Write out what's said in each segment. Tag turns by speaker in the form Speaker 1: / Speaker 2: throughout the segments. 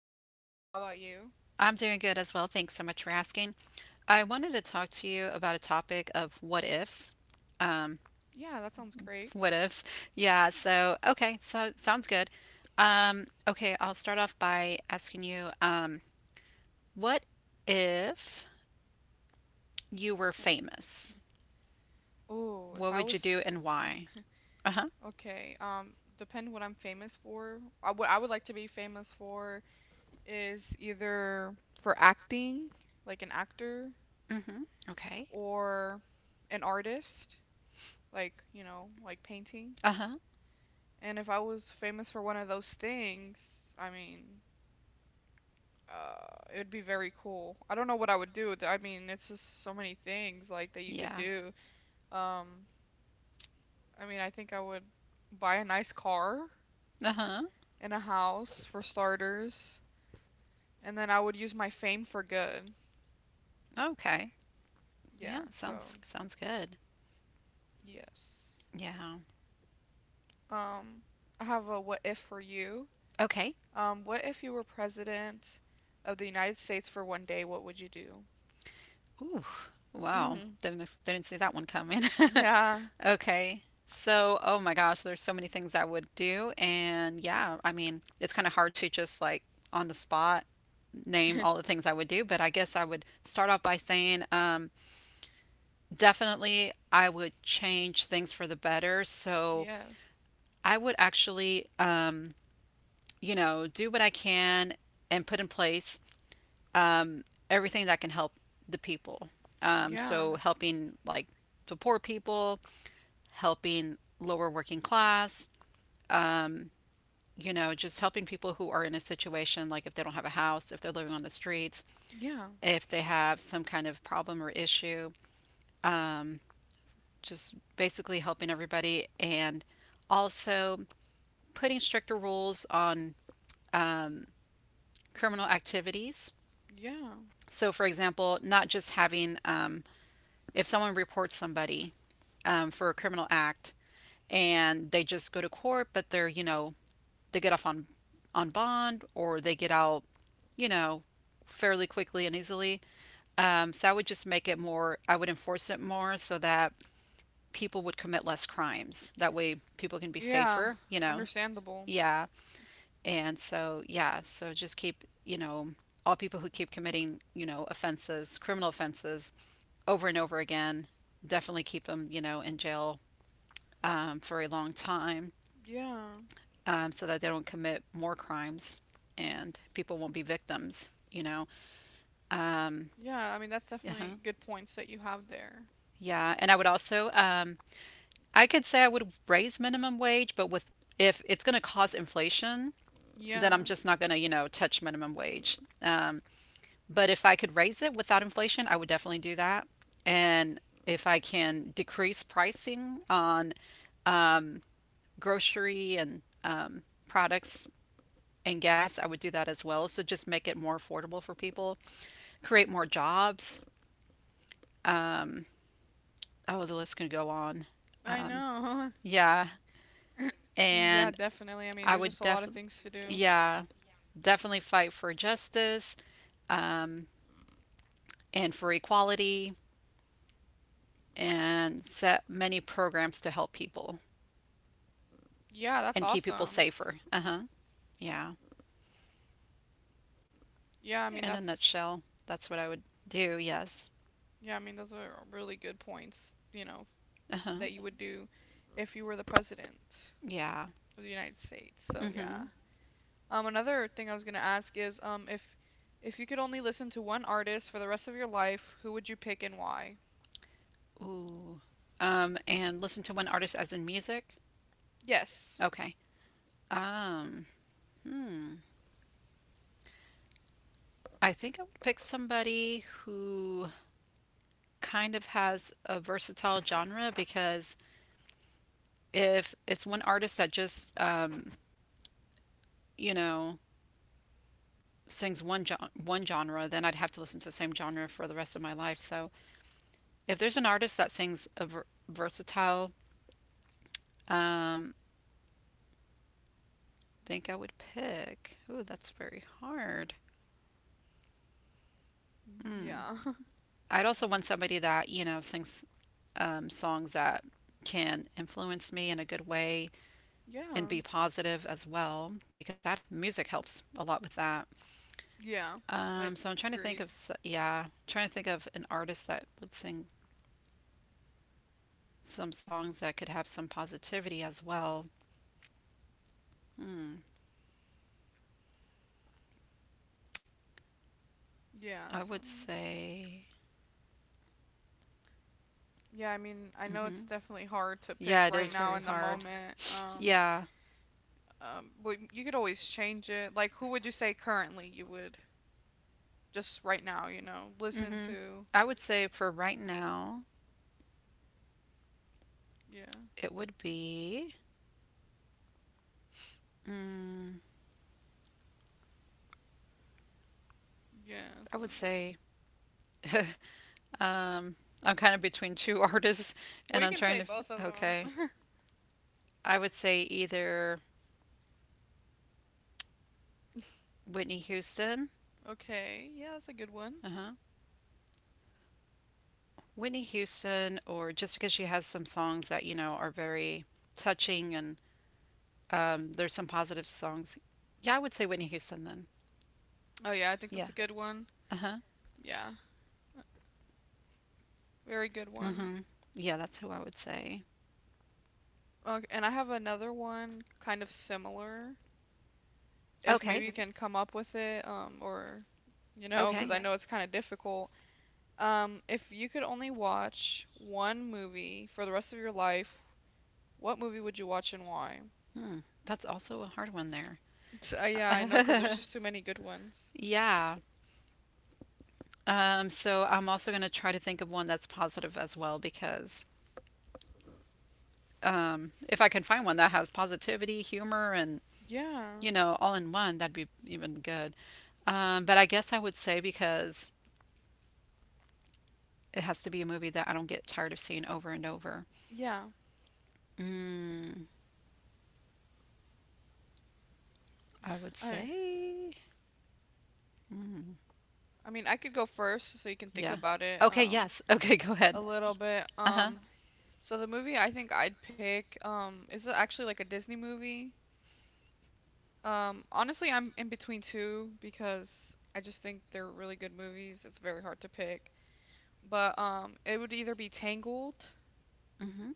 Speaker 1: Hi, I'm doing good. How about you?
Speaker 2: I'm doing good as well. Thanks so much for asking. I wanted to talk to you about a topic of what ifs. Um,
Speaker 1: Yeah, that sounds great.
Speaker 2: what ifs? Yeah, sounds good. Okay, I'll start off by asking you, what if you were
Speaker 1: Yeah.
Speaker 2: famous?
Speaker 1: Oh, if
Speaker 2: What
Speaker 1: I
Speaker 2: would you
Speaker 1: was
Speaker 2: do
Speaker 1: f-
Speaker 2: and why? Uh-huh.
Speaker 1: okay, depend what I'm famous for. What I would like to be famous for is either for acting, like an actor,
Speaker 2: Mm-hmm. Okay.
Speaker 1: or an artist, like painting.
Speaker 2: Uh-huh.
Speaker 1: And if I was famous for one of those things, I mean, it would be very cool. I don't know what I would do with it. I mean, it's just so many things like that you could
Speaker 2: Yeah.
Speaker 1: do. Um, I mean, I think I would buy a nice car
Speaker 2: Uh-huh.
Speaker 1: and a house for starters, and then I would use my fame for good.
Speaker 2: Okay. Yeah,
Speaker 1: Yeah, so
Speaker 2: sounds good.
Speaker 1: yes.
Speaker 2: Yeah.
Speaker 1: Um, I have a what if for you.
Speaker 2: Okay.
Speaker 1: What if you were president of the United States for one day? What would you do?
Speaker 2: Ooh, wow.
Speaker 1: Mhm.
Speaker 2: Didn't see that one coming.
Speaker 1: Yeah,
Speaker 2: Okay. So, oh my gosh, there's so many things I would do, and yeah, I mean, it's kind of hard to just like on the spot name all the things I would do, but I guess I would start off by saying definitely I would change things for the better. So,
Speaker 1: yes.
Speaker 2: I would actually you know, do what I can and put in place everything that can help the people. Um,
Speaker 1: Yeah,
Speaker 2: so helping like the poor people, helping lower working class, you know, just helping people who are in a situation, like if they don't have a house, if they're living on the streets,
Speaker 1: yeah,
Speaker 2: if they have some kind of problem or issue, just basically helping everybody, and also putting stricter rules on criminal activities.
Speaker 1: yeah,
Speaker 2: So, for example, not just having if someone reports somebody for a criminal act and they just go to court, but they're, you know, they get off on bond, or they get out, you know, fairly quickly and easily. So I would just make it more, I would enforce it more so that people would commit less crimes. That way people can be
Speaker 1: yeah.
Speaker 2: safer, you know?
Speaker 1: Understandable.
Speaker 2: Yeah. And so, yeah, so just keep, you know, all people who keep committing, you know, offenses, criminal offenses, over and over again. Definitely keep them, you know, in jail for a long time
Speaker 1: Yeah,
Speaker 2: so that they don't commit more crimes and people won't be victims, you know. Um,
Speaker 1: yeah. I mean, that's
Speaker 2: uh-huh.
Speaker 1: definitely good points that you have there.
Speaker 2: Yeah. And I would also, I could say I would raise minimum wage, but with if it's going to cause inflation, then
Speaker 1: Yeah,
Speaker 2: I'm just not going to, you know, touch minimum wage. But if I could raise it without inflation, I would definitely do that. And if I can decrease pricing on grocery and products and gas, I would do that as well. So just make it more affordable for people, create more jobs. Oh, the list can go on.
Speaker 1: I
Speaker 2: Um,
Speaker 1: know.
Speaker 2: yeah,
Speaker 1: Mm, yeah,
Speaker 2: and
Speaker 1: definitely. I mean, there's just a
Speaker 2: I
Speaker 1: lot of
Speaker 2: would
Speaker 1: things to
Speaker 2: definitely,
Speaker 1: do.
Speaker 2: yeah, definitely fight for justice um, and for equality, and set many programs to help people
Speaker 1: Yeah, that's
Speaker 2: and keep people
Speaker 1: awesome.
Speaker 2: safer. Uh huh. Yeah.
Speaker 1: Yeah, I mean,
Speaker 2: In a
Speaker 1: that's,
Speaker 2: nutshell, that's what I would do. Yes.
Speaker 1: yeah, I mean, those are really good points, you know,
Speaker 2: Uh huh.
Speaker 1: that you would do if you were the president
Speaker 2: Yeah.
Speaker 1: of the United States. So,
Speaker 2: Mm hmm.
Speaker 1: yeah. Another thing I was gonna ask is, if you could only listen to one artist for the rest of your life, who would you pick and why?
Speaker 2: Ooh. And listen to one artist as in music?
Speaker 1: Yes.
Speaker 2: Okay. Um, hmm. I think I would pick somebody who kind of has a versatile genre, because if it's one artist that just, you know, sings one genre, then I'd have to listen to the same genre for the rest of my life. So if there's an artist that sings a versatile, um, think I would pick. Ooh, that's very hard.
Speaker 1: Mm,
Speaker 2: Hmm.
Speaker 1: yeah.
Speaker 2: I'd also want somebody that, you know, sings songs that can influence me in a good way and
Speaker 1: Yeah.
Speaker 2: be positive as well, because that music helps a lot with that.
Speaker 1: Yeah. I
Speaker 2: So I'm trying to think
Speaker 1: agreed.
Speaker 2: of yeah, trying to think of an artist that would sing some songs that could have some positivity as well. Hmm.
Speaker 1: Yeah,
Speaker 2: I
Speaker 1: so
Speaker 2: would say
Speaker 1: yeah, I mean, I know
Speaker 2: hmm
Speaker 1: it's definitely hard to pick
Speaker 2: yeah, it
Speaker 1: right
Speaker 2: is
Speaker 1: now
Speaker 2: very
Speaker 1: in the
Speaker 2: hard.
Speaker 1: moment.
Speaker 2: Yeah.
Speaker 1: But you could always change it. Like, who would you say currently you would just right now, you know, listen
Speaker 2: hmm
Speaker 1: to?
Speaker 2: I would say for right now
Speaker 1: Yeah,
Speaker 2: it would be mm,
Speaker 1: yeah.
Speaker 2: I
Speaker 1: So,
Speaker 2: would say Um, I'm kind of between two artists, and
Speaker 1: well, you
Speaker 2: I'm
Speaker 1: can
Speaker 2: trying
Speaker 1: say
Speaker 2: to.
Speaker 1: both of
Speaker 2: Okay,
Speaker 1: them.
Speaker 2: I would say either Whitney Houston,
Speaker 1: Okay, yeah, that's a good one.
Speaker 2: uh-huh, Whitney Houston, or just because she has some songs that you know are very touching, and there's some positive songs. Yeah, I would say Whitney Houston then.
Speaker 1: Oh yeah, I think
Speaker 2: Yeah.
Speaker 1: that's a good one.
Speaker 2: Uh huh.
Speaker 1: Yeah, very good
Speaker 2: Uh
Speaker 1: one.
Speaker 2: huh. Yeah, that's who I would say.
Speaker 1: Okay, and I have another one kind of similar. If maybe
Speaker 2: Okay.
Speaker 1: you can come up with it, or you know, because
Speaker 2: Okay.
Speaker 1: I know it's kind of difficult. If you could only watch one movie for the rest of your life, what movie would you watch and why?
Speaker 2: Hmm. That's also a hard one there.
Speaker 1: Yeah, I know, cause there's just too many good ones.
Speaker 2: Yeah. So I'm also going to try to think of one that's positive as well, because if I can find one that has positivity, humor, and
Speaker 1: Yeah,
Speaker 2: you know, all in one, that'd be even good. But I guess I would say, because it has to be a movie that I don't get tired of seeing over and over.
Speaker 1: yeah.
Speaker 2: Mm, I would
Speaker 1: I
Speaker 2: say, mm,
Speaker 1: I mean, I could go first so you can think
Speaker 2: yeah.
Speaker 1: about it
Speaker 2: Okay, yes. Okay, go
Speaker 1: a
Speaker 2: ahead.
Speaker 1: little bit.
Speaker 2: Uh huh.
Speaker 1: So the movie I think I'd pick is it actually like a Disney movie? Honestly, I'm in between two because I just think they're really good movies. It's very hard to pick. But it would either be Tangled
Speaker 2: Mm-hmm.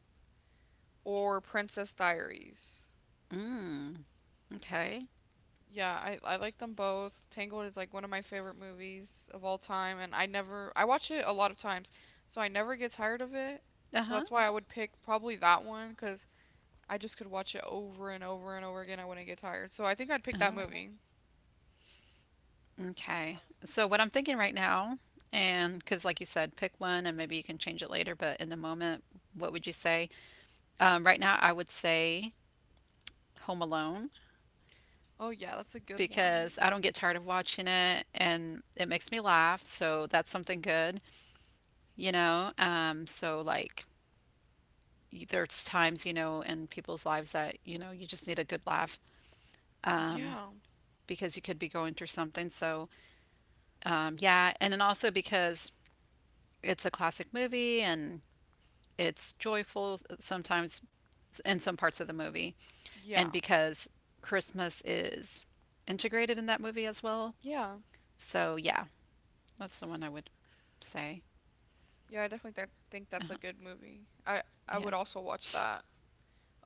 Speaker 1: or Princess Diaries.
Speaker 2: Mm. Okay.
Speaker 1: Yeah, I like them both. Tangled is like one of my favorite movies of all time, and I never I watch it a lot of times, so I never get tired of it.
Speaker 2: Uh
Speaker 1: So
Speaker 2: huh.
Speaker 1: that's why I would pick probably that one because I just could watch it over and over and over again. I wouldn't get tired. So I think I'd
Speaker 2: Uh
Speaker 1: pick that
Speaker 2: huh.
Speaker 1: movie.
Speaker 2: Okay. So what I'm thinking right now, and because like you said, pick one, and maybe you can change it later. But in the moment, what would you say? Right now, I would say Home Alone,
Speaker 1: Oh yeah, that's a good one.
Speaker 2: because I don't get tired of watching it and it makes me laugh. So that's something good, you know? So, like, there's times, you know, in people's lives that, you know, you just need a good laugh um,
Speaker 1: Yeah,
Speaker 2: because you could be going through something. So, yeah. And then also because it's a classic movie, and it's joyful sometimes in some parts of the movie. And
Speaker 1: yeah,
Speaker 2: because Christmas is integrated in that movie as well.
Speaker 1: yeah,
Speaker 2: So yeah, that's the one I would say.
Speaker 1: yeah. I definitely think that's a
Speaker 2: Uh-huh.
Speaker 1: good movie. I
Speaker 2: Yeah.
Speaker 1: would also watch that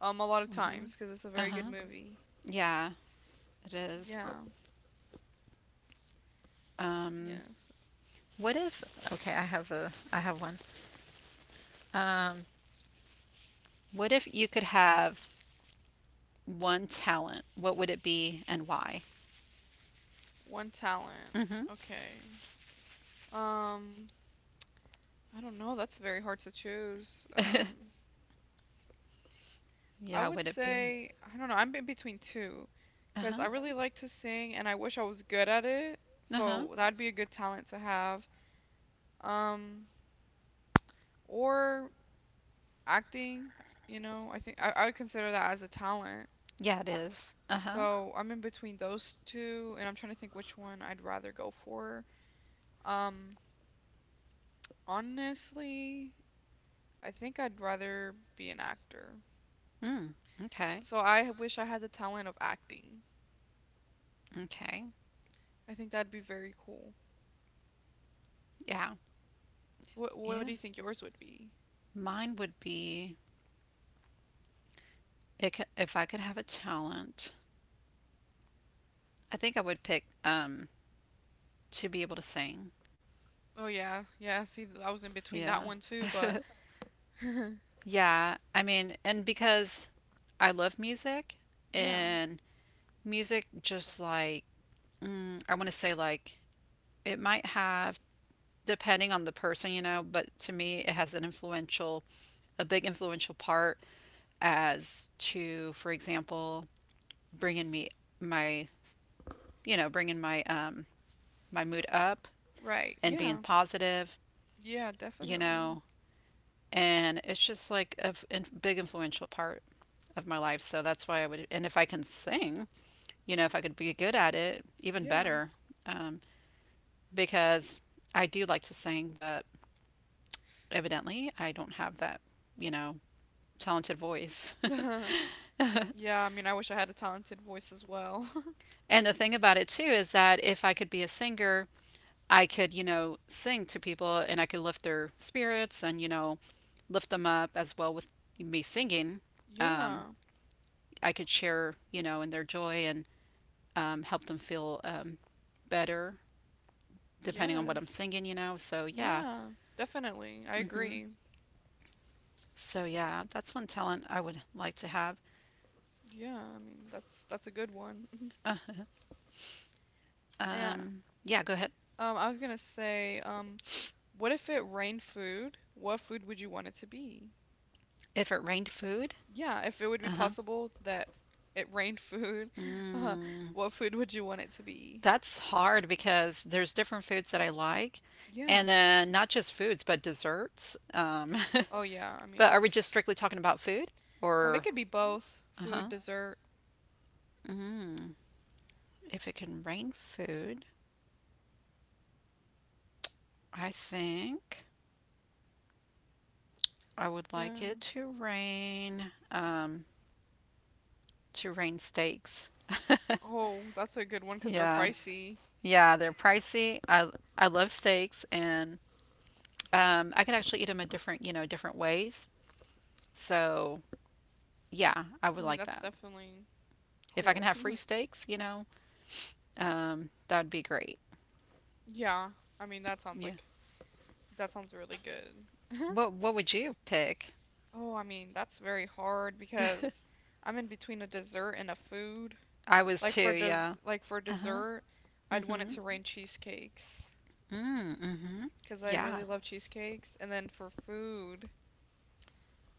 Speaker 1: a lot of
Speaker 2: hmm
Speaker 1: times because it's a very good
Speaker 2: Uh-huh.
Speaker 1: movie.
Speaker 2: Yeah, it is.
Speaker 1: Yeah,
Speaker 2: Um,
Speaker 1: yes.
Speaker 2: what if, okay, I have one. Um, what if you could have one talent? What would it be and why?
Speaker 1: One talent.
Speaker 2: Hmm
Speaker 1: Okay. Um, I don't know. That's very hard to choose. I
Speaker 2: Yeah,
Speaker 1: would
Speaker 2: would it be?
Speaker 1: say I don't know. I'm in between two, because
Speaker 2: Uh-huh.
Speaker 1: I really like to sing and I wish I was good at it.
Speaker 2: Uh-huh.
Speaker 1: So that'd be a good talent to have. Um, or acting. I think I would consider that as a talent.
Speaker 2: Yeah, it is. Uh-huh.
Speaker 1: So I'm in between those two, and I'm trying to think which one I'd rather go for. Um, honestly, I think I'd rather be an actor.
Speaker 2: Mm. Okay.
Speaker 1: So I wish I had the talent of acting.
Speaker 2: Okay.
Speaker 1: I think that'd be very cool.
Speaker 2: Yeah.
Speaker 1: What do you
Speaker 2: Yeah.
Speaker 1: think yours would be?
Speaker 2: Mine would be if I could have a talent. I think I would pick to be able to sing.
Speaker 1: Oh yeah, yeah. See, I was in between that
Speaker 2: Yeah.
Speaker 1: one too, but
Speaker 2: Yeah. I mean, and because I love music,
Speaker 1: yeah,
Speaker 2: and music just like mm, I want to say like it might have, depending on the person, you know, but to me it has an influential a big influential part as to, for example, bringing me my you know, bringing my my mood up
Speaker 1: right.
Speaker 2: and being
Speaker 1: Yeah,
Speaker 2: positive,
Speaker 1: yeah,
Speaker 2: you
Speaker 1: definitely.
Speaker 2: know, and it's just like a big influential part of my life. So that's why I would, and if I can sing, you know, if I could be good at it, even
Speaker 1: Yeah,
Speaker 2: better, um, because I do like to sing, but evidently I don't have that, you know, talented voice.
Speaker 1: yeah. I mean, I wish I had a talented voice as well.
Speaker 2: And the thing about it too is that if I could be a singer, I could, you know, sing to people, and I could lift their spirits and, you know, lift them up as well with me singing.
Speaker 1: Yeah.
Speaker 2: I could share, you know, in their joy, and help them feel better depending on what I'm
Speaker 1: Yes.
Speaker 2: singing, you know. So yeah,
Speaker 1: Yeah. Definitely. I agree.
Speaker 2: so yeah, that's one talent I would like to have.
Speaker 1: Yeah. I mean, that's a good one. Yeah.
Speaker 2: Yeah, go ahead.
Speaker 1: I was gonna say, what if it rained food? What food would you want it to be?
Speaker 2: If it rained food,
Speaker 1: Yeah, if it would
Speaker 2: uh
Speaker 1: be
Speaker 2: huh.
Speaker 1: possible that it rained food, uh,
Speaker 2: Mm,
Speaker 1: what food would you want it to be?
Speaker 2: that's hard, because there's different foods that I like,
Speaker 1: Yeah.
Speaker 2: and then not just foods but desserts.
Speaker 1: Oh, yeah. I
Speaker 2: But
Speaker 1: mean,
Speaker 2: are we just strictly talking about food
Speaker 1: it
Speaker 2: or
Speaker 1: could be both
Speaker 2: uh
Speaker 1: food,
Speaker 2: huh?
Speaker 1: dessert.
Speaker 2: Mm, if it can rain food, I think I would like
Speaker 1: Yeah.
Speaker 2: it to rain. Um, to range steaks.
Speaker 1: Oh, that's a good one because they're
Speaker 2: Yeah.
Speaker 1: pricey.
Speaker 2: Yeah, they're pricey. I love steaks, and I can actually eat them a different, you know, different ways. So, yeah, I
Speaker 1: I
Speaker 2: would
Speaker 1: mean,
Speaker 2: like
Speaker 1: that's
Speaker 2: that.
Speaker 1: definitely
Speaker 2: If I can
Speaker 1: cool.
Speaker 2: have free steaks, you know, that'd be great.
Speaker 1: Yeah. I mean,
Speaker 2: Yeah.
Speaker 1: that sounds really good.
Speaker 2: What would you pick?
Speaker 1: Oh, I mean, that's very hard because I'm in between a dessert and a food.
Speaker 2: I was
Speaker 1: Like
Speaker 2: too,
Speaker 1: for des
Speaker 2: yeah.
Speaker 1: like for
Speaker 2: Uh-huh.
Speaker 1: dessert, I'd want it
Speaker 2: Mm-hmm.
Speaker 1: to rain cheesecakes,
Speaker 2: Mm, mm-hmm.
Speaker 1: because I
Speaker 2: Yeah.
Speaker 1: really love cheesecakes. And then for food,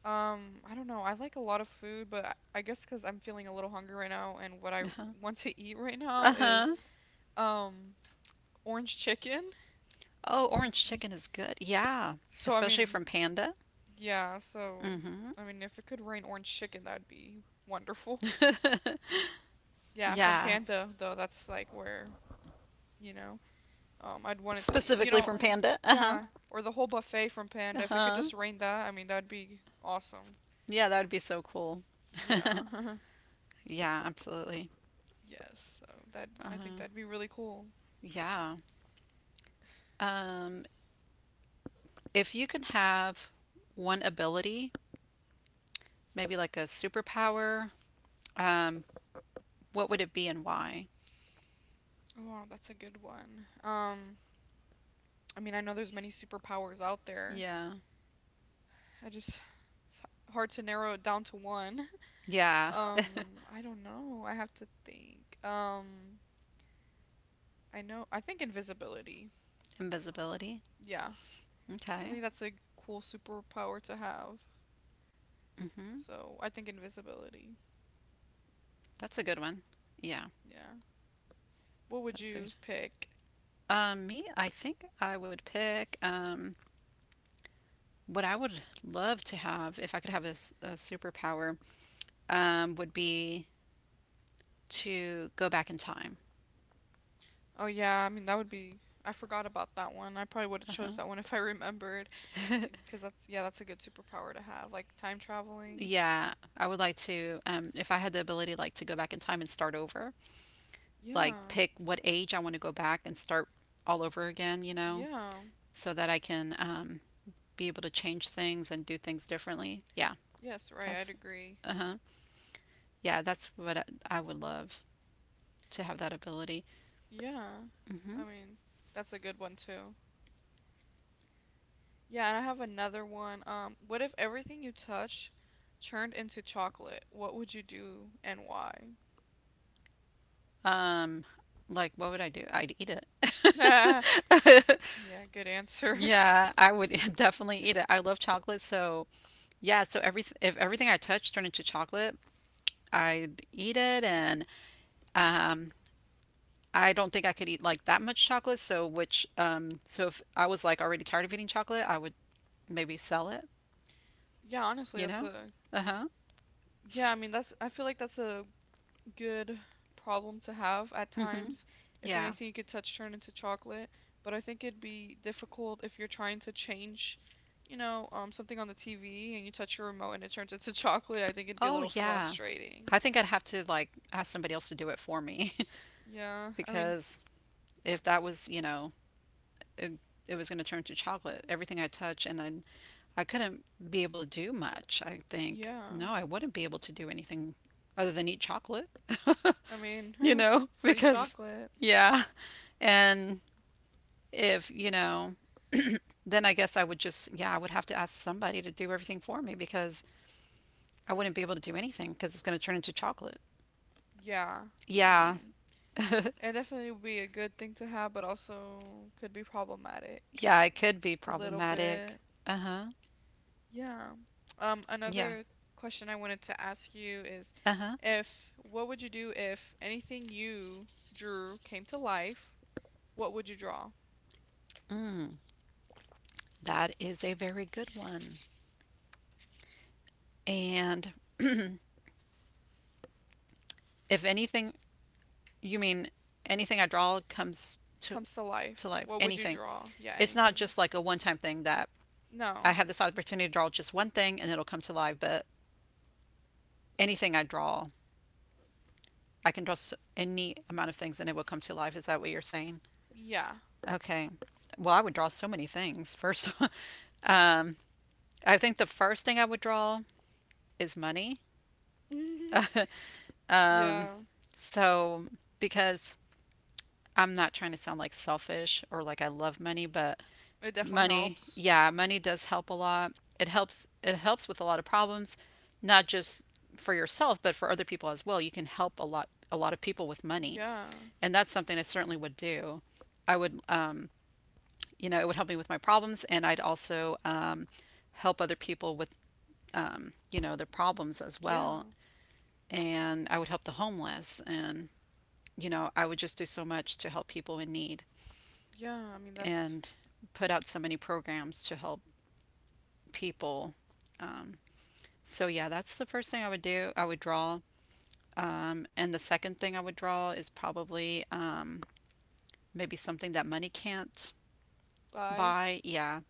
Speaker 1: I don't know. I like a lot of food, but I guess because I'm feeling a little hungry right now, and what I
Speaker 2: Uh-huh.
Speaker 1: want to eat right now is
Speaker 2: Uh-huh.
Speaker 1: uh um orange chicken.
Speaker 2: Oh, orange chicken is good. Yeah.
Speaker 1: So I
Speaker 2: Especially
Speaker 1: mean,
Speaker 2: from Panda.
Speaker 1: yeah. So
Speaker 2: Mm-hmm.
Speaker 1: I mean, if it could rain orange chicken, that'd be wonderful. Yeah, from
Speaker 2: Yeah.
Speaker 1: Panda though, that's like where you know, I'd want it to, you
Speaker 2: Specifically
Speaker 1: know,
Speaker 2: from Panda. Uh huh.
Speaker 1: yeah, or the whole buffet from Panda.
Speaker 2: Uh
Speaker 1: If it could
Speaker 2: huh.
Speaker 1: just rain that, I mean, that'd be awesome.
Speaker 2: Yeah, that would be so cool.
Speaker 1: Yeah.
Speaker 2: Yeah, absolutely.
Speaker 1: Yes, so that
Speaker 2: Uh
Speaker 1: I think
Speaker 2: huh.
Speaker 1: that'd be really cool.
Speaker 2: Yeah. Um, if you could have one ability, maybe like a superpower, um, what would it be and why?
Speaker 1: Oh, wow, that's a good one. I mean, I know there's many superpowers out there.
Speaker 2: Yeah.
Speaker 1: I just it's hard to narrow it down to one.
Speaker 2: Yeah.
Speaker 1: Um, I don't know. I have to think. I know I think invisibility.
Speaker 2: Invisibility.
Speaker 1: Yeah. I
Speaker 2: Okay.
Speaker 1: think that's a cool superpower to have.
Speaker 2: Mm-hmm.
Speaker 1: So, I think invisibility.
Speaker 2: That's a good one. Yeah,
Speaker 1: Yeah. What would
Speaker 2: that's a
Speaker 1: you
Speaker 2: good.
Speaker 1: pick?
Speaker 2: Me, I think I would pick what I would love to have if I could have a a superpower. Would be to go back in time.
Speaker 1: Oh yeah, I mean that would be I forgot about that one. I probably would have chose
Speaker 2: Uh-huh.
Speaker 1: that one if I remembered. Because that's, yeah, that's a good superpower to have. Like time traveling.
Speaker 2: Yeah, I would like to, if I had the ability, like to go back in time and start over, like
Speaker 1: Yeah.
Speaker 2: pick what age I want to go back and start all over again, you know,
Speaker 1: Yeah.
Speaker 2: so that I can be able to change things and do things differently. Yeah,
Speaker 1: Yes, right. I'd
Speaker 2: that's,
Speaker 1: agree.
Speaker 2: uh huh. Yeah, that's what I would love to have that ability.
Speaker 1: Yeah. I mean, that's a good one too. Yeah, and I have another one. What if everything you touch turned into chocolate? What would you do and why?
Speaker 2: Um, like what would I do? I'd eat
Speaker 1: yeah,
Speaker 2: it.
Speaker 1: good answer.
Speaker 2: Yeah, I would definitely eat it. I love chocolate, so yeah, so every if everything I touch turned into chocolate, I'd eat it, and um I don't think I could eat like that much chocolate, so which so if I was like already tired of eating chocolate, I would maybe sell it,
Speaker 1: Yeah, honestly,
Speaker 2: you
Speaker 1: that's
Speaker 2: know?
Speaker 1: a
Speaker 2: Uh-huh.
Speaker 1: yeah, I mean that's I feel like that's a good problem to have at
Speaker 2: Mm-hmm.
Speaker 1: times. If
Speaker 2: Yeah.
Speaker 1: anything, you could touch turn into chocolate, but I think it'd be difficult if you're trying to change, you know, something on the TV and you touch your remote and it turns into chocolate. I think it'd be a
Speaker 2: Oh
Speaker 1: little
Speaker 2: yeah.
Speaker 1: frustrating.
Speaker 2: I think I'd have to like ask somebody else to do it for me
Speaker 1: Yeah, I mean,
Speaker 2: because if that was, you know, it, it was going to turn to chocolate. Everything I touch, and I couldn't be able to do much. I think
Speaker 1: yeah,
Speaker 2: no, I wouldn't be able to do anything other than eat chocolate.
Speaker 1: I mean,
Speaker 2: you know,
Speaker 1: free
Speaker 2: because
Speaker 1: chocolate.
Speaker 2: yeah, and if you know, then I guess I would just yeah, I would have to ask somebody to do everything for me because I wouldn't be able to do anything because it's going to turn into chocolate.
Speaker 1: Yeah, I
Speaker 2: Yeah,
Speaker 1: mean, it definitely would be a good thing to have, but also could be problematic
Speaker 2: yeah, it could be
Speaker 1: a little
Speaker 2: problematic.
Speaker 1: bit.
Speaker 2: Uh huh.
Speaker 1: Yeah.
Speaker 2: Yeah.
Speaker 1: Another question I wanted to ask you is
Speaker 2: Uh huh.
Speaker 1: if what would you do if anything you drew came to life? What would you draw?
Speaker 2: That is a very good one. And if anything, you mean anything I draw comes to
Speaker 1: Comes to
Speaker 2: to
Speaker 1: life.
Speaker 2: life.
Speaker 1: What would you
Speaker 2: Anything.
Speaker 1: draw? Yeah,
Speaker 2: It's not
Speaker 1: anything.
Speaker 2: just like a one-time thing that I
Speaker 1: No.
Speaker 2: have this opportunity to draw just one thing and it'll come to life, but anything I draw, I can draw so, any amount of things and it will come to life. Is that what you're saying?
Speaker 1: Yeah.
Speaker 2: Okay. Well, I would draw so many things. First, I think the first thing I would draw is money.
Speaker 1: Yeah.
Speaker 2: So, because I'm not trying to sound like selfish or like I love money, but
Speaker 1: It definitely
Speaker 2: money,
Speaker 1: helps.
Speaker 2: yeah, money does help a lot. It helps with a lot of problems, not just for yourself, but for other people as well. You can help a lot of people with money.
Speaker 1: Yeah.
Speaker 2: And that's something I certainly would do. I would you know, it would help me with my problems and I'd also help other people with, you know, their problems as
Speaker 1: Yeah.
Speaker 2: well. And I would help the homeless and you know, I would just do so much to help people in need.
Speaker 1: Yeah. I mean, that's
Speaker 2: And put out so many programs to help people. So yeah, that's the first thing I would do. I would draw, and the second thing I would draw is probably maybe something that money can't
Speaker 1: by.
Speaker 2: buy. Yeah,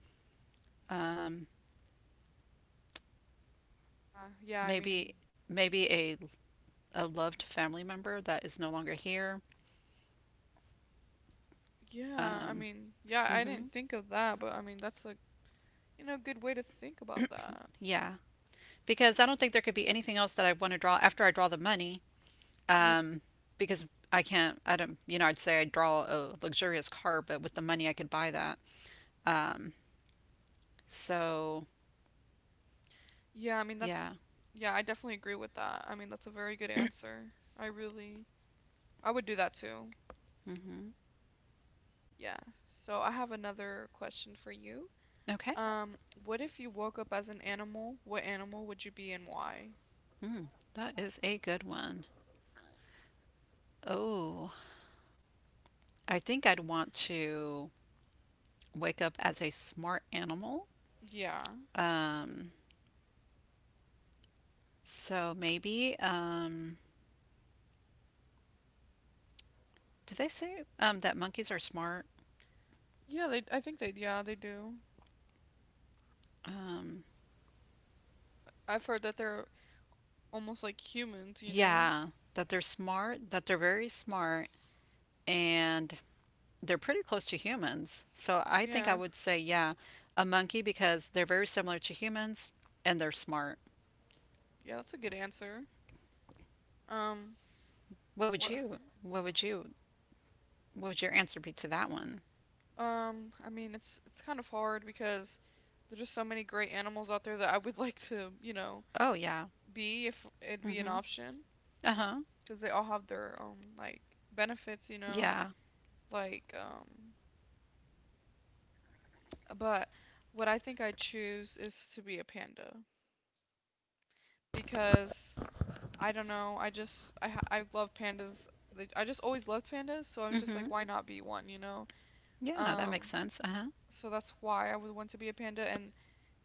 Speaker 1: Uh, yeah, I mean,
Speaker 2: maybe maybe a loved family member that is no longer here. Um,
Speaker 1: yeah, I didn't
Speaker 2: mhm,
Speaker 1: think of that, but I mean, that's a, you know, good way to think about that.
Speaker 2: yeah, because I don't think there could be anything else that I want to draw after I draw the money.
Speaker 1: Yeah.
Speaker 2: Um, because I can't, I don't, you know, I'd say I'd draw a luxurious car, but with the money I could buy that. Um, so
Speaker 1: Yeah, I mean that's
Speaker 2: Yeah.
Speaker 1: yeah, I definitely agree with that. I mean that's a very good answer. I really I would do that too.
Speaker 2: Hmm.
Speaker 1: Yeah. So I have another question for you.
Speaker 2: Okay.
Speaker 1: Um, what if you woke up as an animal? What animal would you be and why?
Speaker 2: Mm, that is a good one. Oh, I think I'd want to wake up as a smart animal.
Speaker 1: Yeah.
Speaker 2: Um, so maybe, did they say that monkeys are smart?
Speaker 1: Yeah, they I think they yeah, they do.
Speaker 2: Um,
Speaker 1: I've heard that they're almost like humans, you know?
Speaker 2: yeah, that they're smart, that they're very smart, and they're pretty close to humans. So I think I
Speaker 1: Yeah.
Speaker 2: would say, yeah, a monkey because they're very similar to humans and they're smart.
Speaker 1: Yeah, that's a good answer. Um,
Speaker 2: What would
Speaker 1: what
Speaker 2: you? What would you? What would your answer be to that one?
Speaker 1: I mean, it's kind of hard because there's just so many great animals out there that I would like to, you know,
Speaker 2: Oh, yeah.
Speaker 1: be if it'd be an
Speaker 2: Mm-hmm.
Speaker 1: option
Speaker 2: Uh-huh.
Speaker 1: because they all have their own like benefits, you know,
Speaker 2: Yeah.
Speaker 1: like but what I think I choose is to be a panda because I don't know, I love pandas. Like, I just always loved pandas, so I was just
Speaker 2: Mm-hmm.
Speaker 1: like why Mhm. not be one, you know?
Speaker 2: Yeah, that makes
Speaker 1: Um,
Speaker 2: sense. Uh-huh.
Speaker 1: so that's why I would want to be a panda and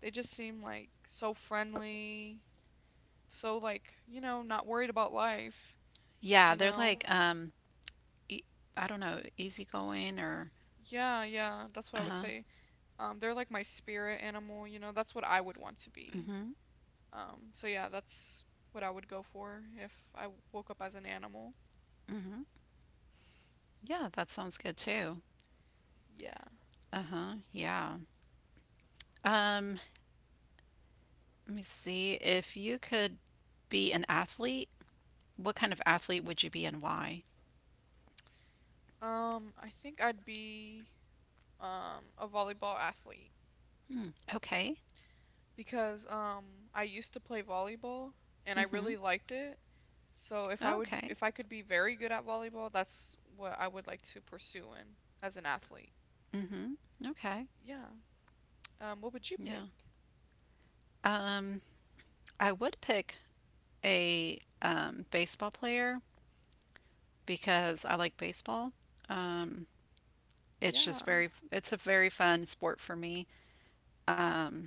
Speaker 1: they just seem like so friendly, so like, you know, not worried about life,
Speaker 2: Yeah,
Speaker 1: you
Speaker 2: they're
Speaker 1: know.
Speaker 2: like, e- I don't know, easygoing or,
Speaker 1: Yeah, yeah, that's what I would
Speaker 2: uh-huh.
Speaker 1: say. They're like my spirit animal, you know, that's what I would want to be.
Speaker 2: Mm-hmm.
Speaker 1: So yeah, that's what I would go for if I woke up as an animal.
Speaker 2: Mm-hmm. Yeah, that sounds good too.
Speaker 1: Yeah.
Speaker 2: Uh-huh. Yeah. Um, let me see. If you could be an athlete, what kind of athlete would you be and why?
Speaker 1: I think I'd be a volleyball athlete
Speaker 2: Hmm. Okay.
Speaker 1: because I used to play volleyball and I
Speaker 2: Mm-hmm.
Speaker 1: really liked it.
Speaker 2: Okay.
Speaker 1: If I could be very good at volleyball, that's what I would like to pursue in as an athlete.
Speaker 2: Mm-hmm. Okay.
Speaker 1: Yeah. What would you pick?
Speaker 2: Yeah. Um, I would pick a baseball player because I like baseball. Um,
Speaker 1: Yeah.
Speaker 2: it's a very fun sport for me. Um,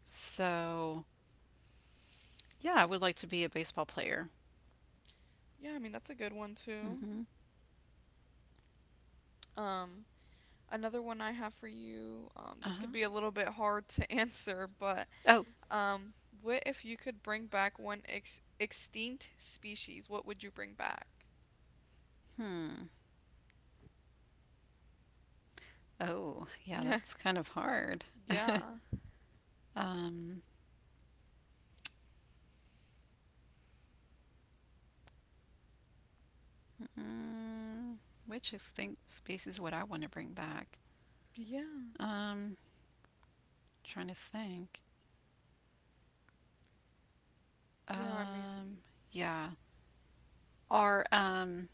Speaker 2: so yeah, I would like to be a baseball player.
Speaker 1: Yeah, I mean that's a good one too.
Speaker 2: Hmm.
Speaker 1: Um, Another one I have for you, this could
Speaker 2: Uh-huh.
Speaker 1: be a little bit hard to answer, but
Speaker 2: Oh,
Speaker 1: um, what if you could bring back one ex extinct species? What would you bring back?
Speaker 2: hmm. Oh, yeah, that's kind of hard.
Speaker 1: Yeah.
Speaker 2: Um, mm, which extinct species would I want to bring back?
Speaker 1: Yeah.
Speaker 2: Um, trying to think.
Speaker 1: Yeah, I mean,
Speaker 2: Um, yeah. Are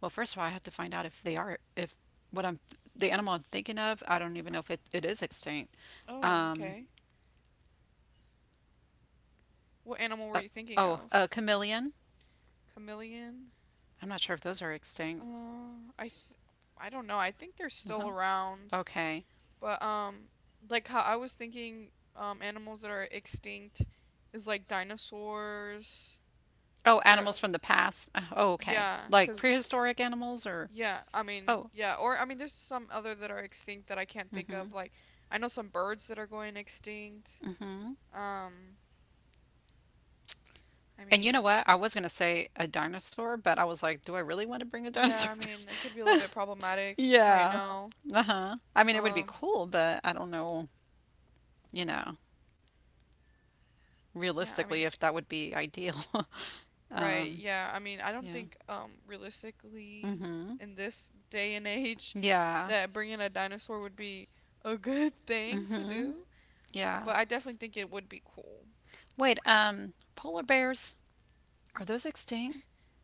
Speaker 2: Well, first of all, I have to find out if they are if what I'm the animal I'm thinking of. I don't even know if it, it is extinct.
Speaker 1: oh,
Speaker 2: Um,
Speaker 1: okay. What animal were
Speaker 2: uh,
Speaker 1: you thinking
Speaker 2: oh,
Speaker 1: of?
Speaker 2: a chameleon.
Speaker 1: Chameleon?
Speaker 2: I'm not sure if those are extinct.
Speaker 1: Uh, I th I don't know. I think they're still
Speaker 2: Uh-huh.
Speaker 1: around,
Speaker 2: Okay.
Speaker 1: but like how I was thinking animals that are extinct is like dinosaurs,
Speaker 2: Oh,
Speaker 1: pter
Speaker 2: animals from the past. Oh, okay.
Speaker 1: yeah,
Speaker 2: Like
Speaker 1: cause
Speaker 2: prehistoric animals or
Speaker 1: yeah, I mean
Speaker 2: oh.
Speaker 1: yeah, or I mean there's some other that are extinct that I can't think
Speaker 2: Mm-hmm.
Speaker 1: of. Like I know some birds that are going extinct.
Speaker 2: Mm-hmm.
Speaker 1: Um, I
Speaker 2: And you
Speaker 1: mean
Speaker 2: know what? I was gonna say a dinosaur, but I was like, do I really want to bring a
Speaker 1: yeah,
Speaker 2: dinosaur
Speaker 1: I
Speaker 2: back?
Speaker 1: mean it could be a little bit problematic right
Speaker 2: Yeah.
Speaker 1: now.
Speaker 2: Uh-huh. I mean, it would be
Speaker 1: Um,
Speaker 2: cool, but I don't know, you know,
Speaker 1: yeah, I mean
Speaker 2: realistically
Speaker 1: it,
Speaker 2: if that would be ideal.
Speaker 1: right, yeah. I don't
Speaker 2: Yeah.
Speaker 1: think realistically
Speaker 2: Mhm.
Speaker 1: in this day and age
Speaker 2: Yeah.
Speaker 1: that bringing a dinosaur would be a good thing to
Speaker 2: Mhm.
Speaker 1: do,
Speaker 2: Yeah.
Speaker 1: but I definitely think it would be cool.
Speaker 2: Wait, um, polar bears, are those extinct?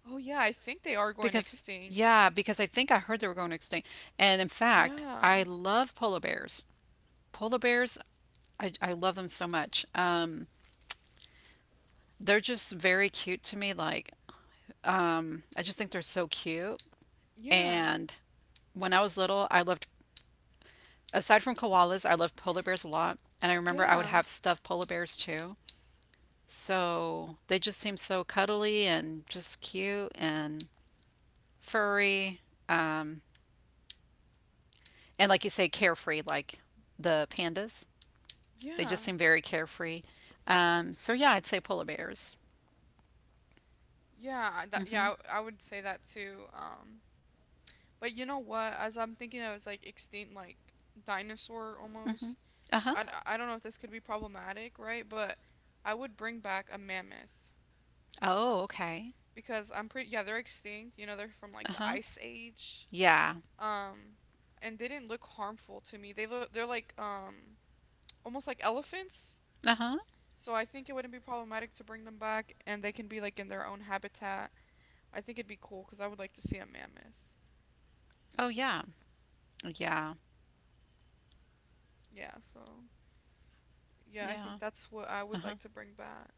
Speaker 1: Oh yeah, I think they are going
Speaker 2: Because
Speaker 1: extinct.
Speaker 2: yeah, because I think I heard they were going extinct. And in fact, I
Speaker 1: Yeah.
Speaker 2: love polar bears. Polar bears, I love them so much. They're just very cute to me. Like, I just think they're so cute.
Speaker 1: Yeah.
Speaker 2: And when I was little, I loved, aside from koalas, I loved polar bears a lot. And I remember I would
Speaker 1: Yeah.
Speaker 2: have stuffed polar bears too. So they just seem so cuddly and just cute and furry. Um, and like you say, carefree, like the pandas. They
Speaker 1: Yeah.
Speaker 2: just seem very carefree. So yeah, I'd say polar bears.
Speaker 1: Yeah, that
Speaker 2: Mm-hmm.
Speaker 1: yeah, I would say that too. But you know what? As I'm thinking of it's like extinct like dinosaur
Speaker 2: Mm-hmm.
Speaker 1: almost.
Speaker 2: Uh-huh.
Speaker 1: I don't know if this could be problematic, right? But I would bring back a mammoth
Speaker 2: Oh, okay.
Speaker 1: because I'm pretty yeah, they're extinct. You know, they're from like the
Speaker 2: Uh-huh.
Speaker 1: ice age.
Speaker 2: Yeah.
Speaker 1: Um, and they didn't look harmful to me. They're like almost like elephants.
Speaker 2: Uh-huh.
Speaker 1: So I think it wouldn't be problematic to bring them back, and they can be like in their own habitat. I think it'd be cool because I would like to see a mammoth.
Speaker 2: Oh, yeah. Yeah.
Speaker 1: Yeah, so yeah, I think
Speaker 2: Yeah.
Speaker 1: that's what I would
Speaker 2: Uh-huh.
Speaker 1: like to bring back.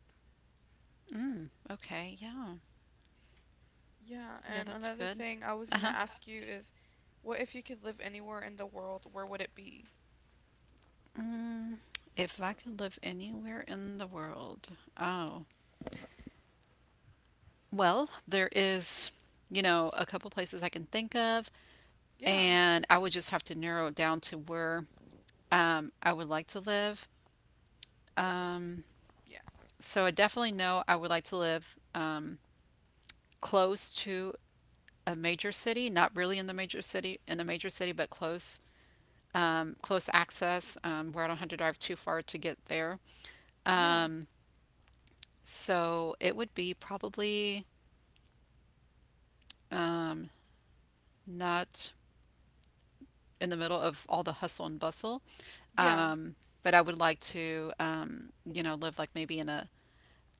Speaker 2: Mm. Okay. Yeah.
Speaker 1: Yeah,
Speaker 2: Yeah,
Speaker 1: and
Speaker 2: that's
Speaker 1: another
Speaker 2: good.
Speaker 1: thing I was gonna
Speaker 2: Uh-huh.
Speaker 1: ask you is, what if you could live anywhere in the world, where would it be?
Speaker 2: Mm. If I could live anywhere in the world. Oh. Well, there is, you know, a couple places I can think of,
Speaker 1: Yeah,
Speaker 2: and I would just have to narrow it down to where I would like to live. Um,
Speaker 1: yes.
Speaker 2: so I definitely know I would like to live close to a major city, not really in the major city, in a major city, but close, close access, where I don't have to drive too far to get there.
Speaker 1: Yeah,
Speaker 2: Um, so it would be probably um, not in the middle of all the hustle and bustle.
Speaker 1: yeah,
Speaker 2: Um, but I would like to you know, live like maybe in a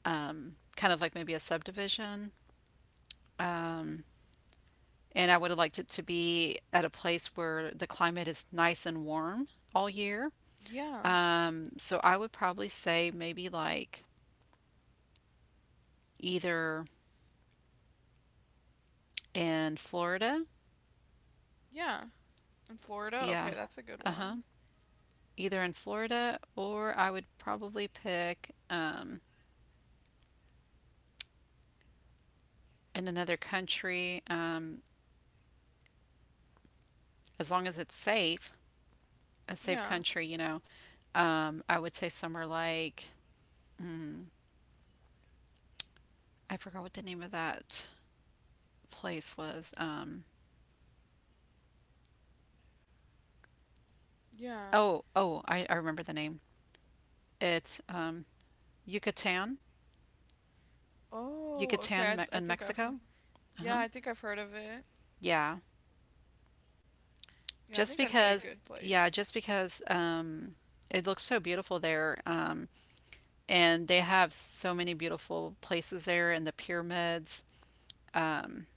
Speaker 2: kind of like maybe a subdivision. Um, and I would like to be at a place where the climate is nice and warm all year.
Speaker 1: yeah,
Speaker 2: So I would probably say maybe like either in Florida.
Speaker 1: yeah. In Florida?
Speaker 2: Yeah.
Speaker 1: Okay, that's a good
Speaker 2: Uh-huh.
Speaker 1: one.
Speaker 2: Either in Florida or I would probably pick in another country, as long as it's safe, a safe
Speaker 1: Yeah,
Speaker 2: country, you know. I would say somewhere like mm, I forgot what the name of that place was.
Speaker 1: yeah.
Speaker 2: Oh, oh, I remember the name. It's Yucatan,
Speaker 1: Oh,
Speaker 2: Yucatan
Speaker 1: okay,
Speaker 2: Me-
Speaker 1: I
Speaker 2: in
Speaker 1: think I've heard-
Speaker 2: Mexico.
Speaker 1: yeah,
Speaker 2: Uh-huh.
Speaker 1: I think I've heard of it.
Speaker 2: Yeah,
Speaker 1: Yeah, I
Speaker 2: just
Speaker 1: think that'd be a
Speaker 2: because.
Speaker 1: good
Speaker 2: Yeah,
Speaker 1: place.
Speaker 2: just because it looks so beautiful there, and they have so many beautiful places there, and the pyramids. Um,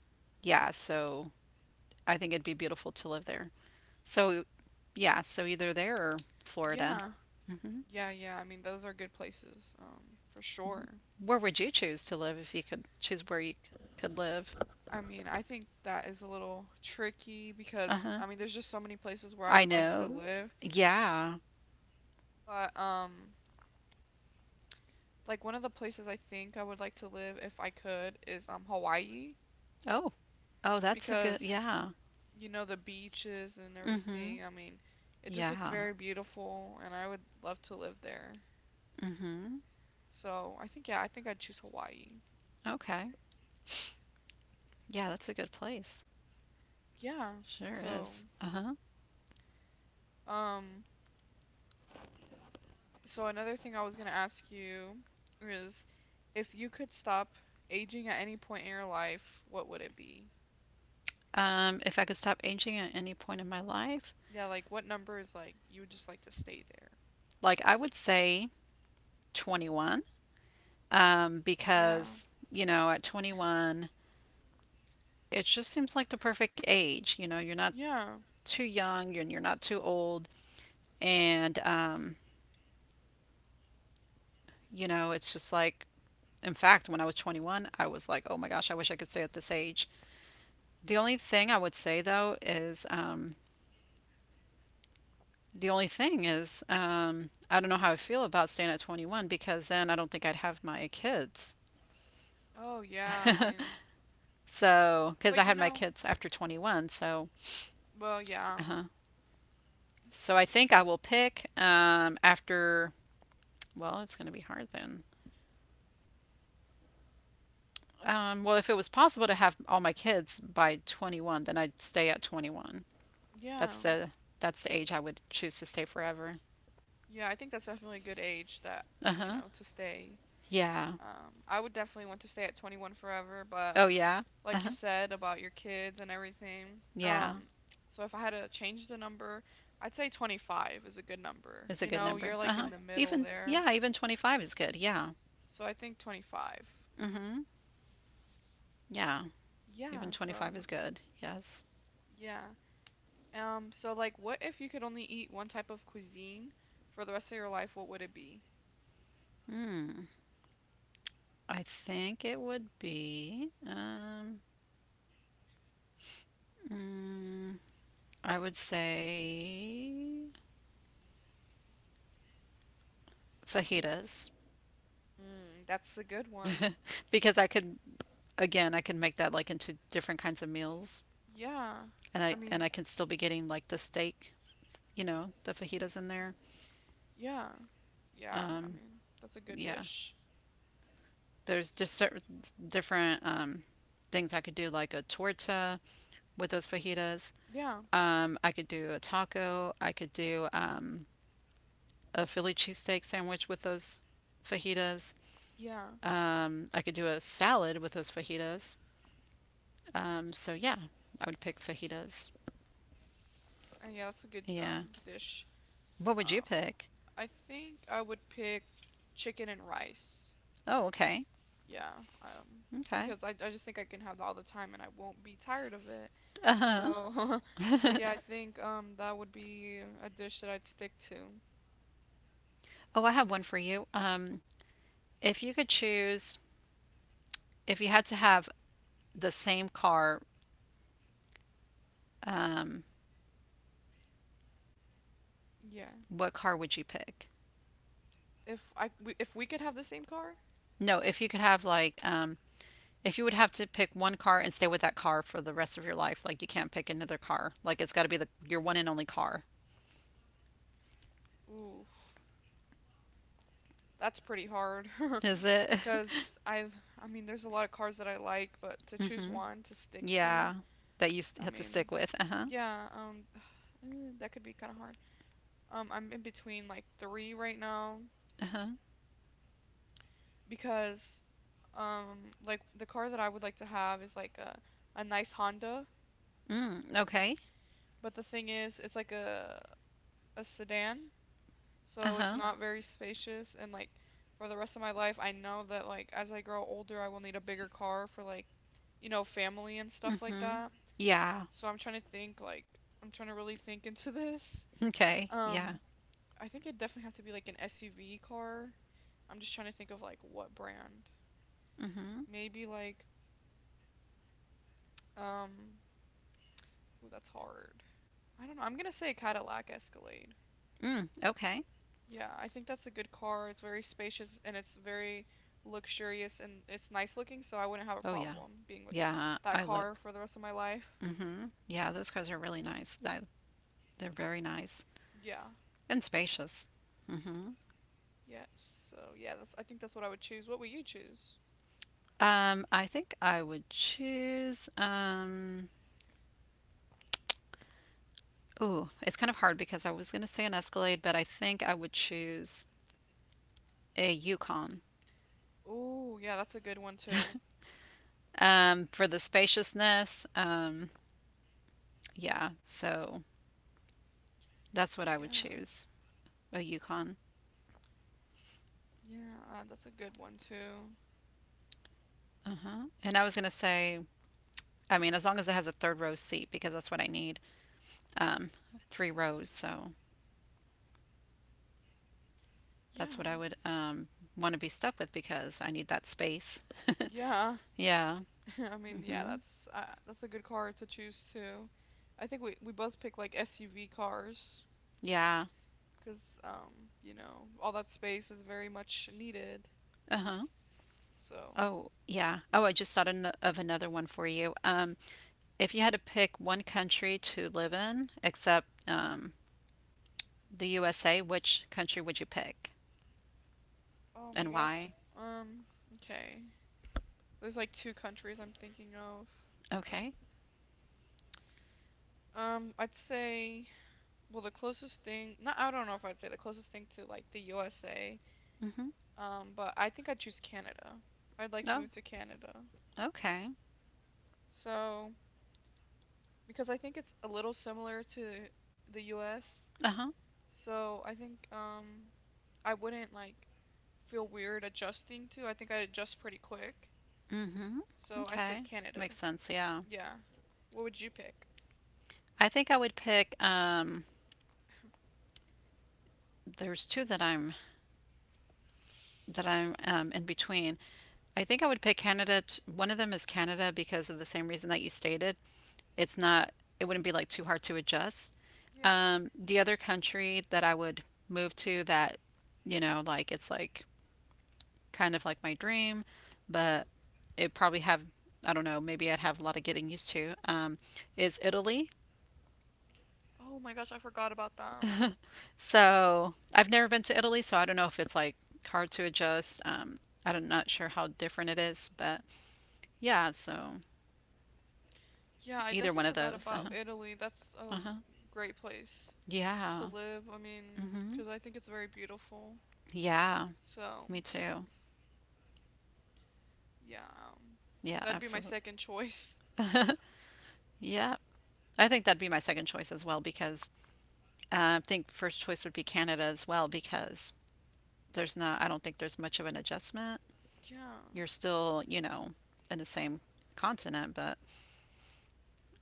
Speaker 2: yeah, so I think it'd be beautiful to live there. So, yeah, so either there or Florida.
Speaker 1: Yeah, yeah, yeah. I mean, those are good places, for sure.
Speaker 2: Where would you choose to live if you could choose where you could live?
Speaker 1: I mean, I think that is a little tricky
Speaker 2: Uh
Speaker 1: because
Speaker 2: huh.
Speaker 1: I mean, there's just so many places where I
Speaker 2: I
Speaker 1: would like I to
Speaker 2: know.
Speaker 1: live,
Speaker 2: Yeah.
Speaker 1: but like one of the places I think I would like to live if I could is Hawaii
Speaker 2: Oh. Oh, that's a good.
Speaker 1: because
Speaker 2: Yeah.
Speaker 1: you know the beaches and
Speaker 2: Mm-hmm.
Speaker 1: everything. I mean, it just looks
Speaker 2: Yeah.
Speaker 1: very beautiful and I would love to live there.
Speaker 2: Mm-hmm.
Speaker 1: So, I think yeah, I think I'd choose Hawaii.
Speaker 2: Okay. Yeah, that's a good place.
Speaker 1: Yeah.
Speaker 2: Sure
Speaker 1: So,
Speaker 2: is. Uh-huh.
Speaker 1: Um, so another thing I was gonna ask you is if you could stop aging at any point in your life, what would it be?
Speaker 2: If I could stop aging at any point in my life,
Speaker 1: Yeah, like what number is like you would just like to stay there?
Speaker 2: like I would say 21,
Speaker 1: Yeah.
Speaker 2: because, you know, at 21, it just seems like the perfect age. You know, you're not
Speaker 1: Yeah.
Speaker 2: too young and you're not too old. And You know, it's just like, in fact, when I was 21, I was like, oh my gosh, I wish I could stay at this age. The only thing I would say though is, the only thing is, I don't know how I feel about staying at 21 because then I don't think I'd have my kids.
Speaker 1: Oh yeah, I mean,
Speaker 2: So, because I
Speaker 1: but you
Speaker 2: had my
Speaker 1: know,
Speaker 2: kids after 21, so,
Speaker 1: well, yeah.
Speaker 2: uh-huh. So I think I will pick well, it's going to be hard then. Well, if it was possible to have all my kids by 21, then I'd stay at 21.
Speaker 1: Yeah.
Speaker 2: That's the that's the age I would choose to stay forever.
Speaker 1: Yeah, I think that's definitely a good age that,
Speaker 2: Uh
Speaker 1: you
Speaker 2: huh.
Speaker 1: know, to stay.
Speaker 2: Yeah.
Speaker 1: I would definitely want to stay at 21 forever, but
Speaker 2: Oh yeah. Uh
Speaker 1: like you
Speaker 2: huh.
Speaker 1: said about your kids and everything.
Speaker 2: Yeah.
Speaker 1: Um, so if I had to change the number, I'd say 25 is a good number.
Speaker 2: Is a
Speaker 1: You
Speaker 2: good
Speaker 1: know, you're
Speaker 2: number. Uh
Speaker 1: like in
Speaker 2: huh.
Speaker 1: the Okay. middle Yeah.
Speaker 2: Even
Speaker 1: there.
Speaker 2: yeah, even 25 is good. Yeah.
Speaker 1: So I think 25.
Speaker 2: Mm hmm. Yeah. Even
Speaker 1: Yeah,
Speaker 2: twenty
Speaker 1: so
Speaker 2: five is good. Yes.
Speaker 1: yeah. So like what if you could only eat one type of cuisine for the rest of your life, what would it be?
Speaker 2: Hmm. I think it would be. Mm, I would say fajitas
Speaker 1: Mm, that's a good one.
Speaker 2: because I could make that like into different kinds of meals
Speaker 1: Yeah.
Speaker 2: and
Speaker 1: I
Speaker 2: I and
Speaker 1: mean,
Speaker 2: I can still be getting like the steak, you know, the fajitas in there.
Speaker 1: yeah. Yeah, I
Speaker 2: Um,
Speaker 1: mean, that's a good
Speaker 2: yeah,
Speaker 1: dish.
Speaker 2: there's just different things I could do, like a torta with those fajitas.
Speaker 1: Yeah.
Speaker 2: I could do a taco. I could do a Philly cheesesteak sandwich with those fajitas.
Speaker 1: Yeah.
Speaker 2: I could do a salad with those fajitas. So yeah, I would pick fajitas.
Speaker 1: And yeah, that's a good
Speaker 2: Yeah.
Speaker 1: dish.
Speaker 2: What would you
Speaker 1: Um.
Speaker 2: pick?
Speaker 1: I think I would pick chicken and rice.
Speaker 2: Oh, okay.
Speaker 1: Yeah, um,
Speaker 2: Okay.
Speaker 1: because I just think I can have that all the time and I won't be tired of it.
Speaker 2: Uh-huh.
Speaker 1: So, so yeah, I think that would be a dish that I'd stick to.
Speaker 2: Oh, I have one for you. If you could choose, if you had to have the same car, um,
Speaker 1: Yeah.
Speaker 2: what car would you pick?
Speaker 1: If we could have the same car,
Speaker 2: No, if you could have like, if you would have to pick one car and stay with that car for the rest of your life, like you can't pick another car. Like it's got to be the your one and only car.
Speaker 1: ooh, that's pretty hard.
Speaker 2: Is it?
Speaker 1: Cause I've I mean there's a lot of cars that I like, but to choose
Speaker 2: Hmm.
Speaker 1: one to stick to,
Speaker 2: Yeah, that you
Speaker 1: I
Speaker 2: have to
Speaker 1: mean,
Speaker 2: stick with. Uh huh.
Speaker 1: yeah, that could be kind of hard. I'm in between like three right now.
Speaker 2: Uh huh.
Speaker 1: Because like the car that I would like to have is like a nice Honda,
Speaker 2: Mm, okay.
Speaker 1: but the thing is it's like a sedan,
Speaker 2: Uh
Speaker 1: so it's
Speaker 2: huh.
Speaker 1: not very spacious and like for the rest of my life I know that like as I grow older I will need a bigger car for like you know family and stuff like
Speaker 2: Mm-hmm.
Speaker 1: that.
Speaker 2: Yeah.
Speaker 1: So I'm trying to really think into this.
Speaker 2: Okay. Yeah.
Speaker 1: Um I think it'd definitely have to be like an SUV car. I'm just trying to think of like what brand.
Speaker 2: Mm-hmm.
Speaker 1: Maybe like um Ooh, that's hard. I don't know. I'm gonna say Cadillac Escalade.
Speaker 2: Mm, okay.
Speaker 1: Yeah, I think that's a good car. It's very spacious and it's very luxurious and it's nice looking, so I wouldn't have a
Speaker 2: Oh yeah.
Speaker 1: problem being with
Speaker 2: Yeah,
Speaker 1: that
Speaker 2: I love.
Speaker 1: car for the rest of my life.
Speaker 2: Mm-hmm. Yeah, those cars are really nice. They're very nice.
Speaker 1: Yeah.
Speaker 2: And spacious. hmm
Speaker 1: Yes. So yeah, that's I think that's what I would choose. What would you choose?
Speaker 2: I think I would choose. Ooh, it's kind of hard because I was going to say an Escalade, but I think I would choose a Yukon
Speaker 1: Oh, yeah, that's a good one too.
Speaker 2: for the spaciousness. Yeah, so that's what I would
Speaker 1: Yeah.
Speaker 2: choose, a Yukon.
Speaker 1: Yeah, that's a good one too.
Speaker 2: Uh huh. And I was going to say, I mean, as long as it has a third row seat, because that's what I need. Um, Three rows. So
Speaker 1: Yeah.
Speaker 2: that's what I would want to be stuck with because I need that space.
Speaker 1: Yeah.
Speaker 2: Yeah.
Speaker 1: I mean, yeah,
Speaker 2: Mm-hmm.
Speaker 1: that's a good car to choose too. I think we both pick like SUV cars.
Speaker 2: Yeah.
Speaker 1: Because you know, all that space is very much needed.
Speaker 2: Uh-huh.
Speaker 1: So,
Speaker 2: Oh, yeah. Oh, I just thought an of another one for you. If you had to pick one country to live in except the USA, which country would you pick
Speaker 1: oh my
Speaker 2: and
Speaker 1: gosh.
Speaker 2: why?
Speaker 1: Um, okay. There's like two countries I'm thinking of.
Speaker 2: Okay.
Speaker 1: I'd say, well, the closest thing, not, I don't know if I'd say the closest thing to like the USA,
Speaker 2: Mm-hmm.
Speaker 1: but I think I'd choose Canada. I'd like to
Speaker 2: Oh,
Speaker 1: move to Canada.
Speaker 2: okay.
Speaker 1: So, because I think it's a little similar to the US.
Speaker 2: Uh-huh.
Speaker 1: So, I think I wouldn't like feel weird adjusting to. I think I adjust pretty quick.
Speaker 2: Mm-hmm.
Speaker 1: So I said
Speaker 2: Okay.
Speaker 1: Canada.
Speaker 2: Makes sense. Yeah.
Speaker 1: Yeah. What would you pick?
Speaker 2: I think I would pick there's two that I'm in between. I think I would pick Canada. One of them is Canada because of the same reason that you stated. It's not, it wouldn't be like too hard to adjust.
Speaker 1: Yeah.
Speaker 2: The other country that I would move to, that, you know, like it's like kind of like my dream, but it probably have, I don't know, maybe I'd have a lot of getting used to, is Italy.
Speaker 1: Oh my gosh, I forgot about that.
Speaker 2: So I've never been to Italy, so I don't know if it's like hard to adjust. I'm not sure how different it is, but yeah, so
Speaker 1: Yeah, I
Speaker 2: either one
Speaker 1: definitely
Speaker 2: of
Speaker 1: forgot
Speaker 2: those. Uh
Speaker 1: about
Speaker 2: huh.
Speaker 1: Italy. That's a
Speaker 2: Uh huh.
Speaker 1: great place to
Speaker 2: Yeah.
Speaker 1: live. I mean,
Speaker 2: hmm
Speaker 1: because I think it's very beautiful.
Speaker 2: Yeah.
Speaker 1: So,
Speaker 2: Me too.
Speaker 1: yeah, um,
Speaker 2: Yeah,
Speaker 1: that'd be my
Speaker 2: absolutely.
Speaker 1: second choice.
Speaker 2: Yeah. I think that'd be my second choice as well, because I think first choice would be Canada as well because there's not, I don't think there's much of an adjustment.
Speaker 1: Yeah.
Speaker 2: You're still, you know, in the same continent, but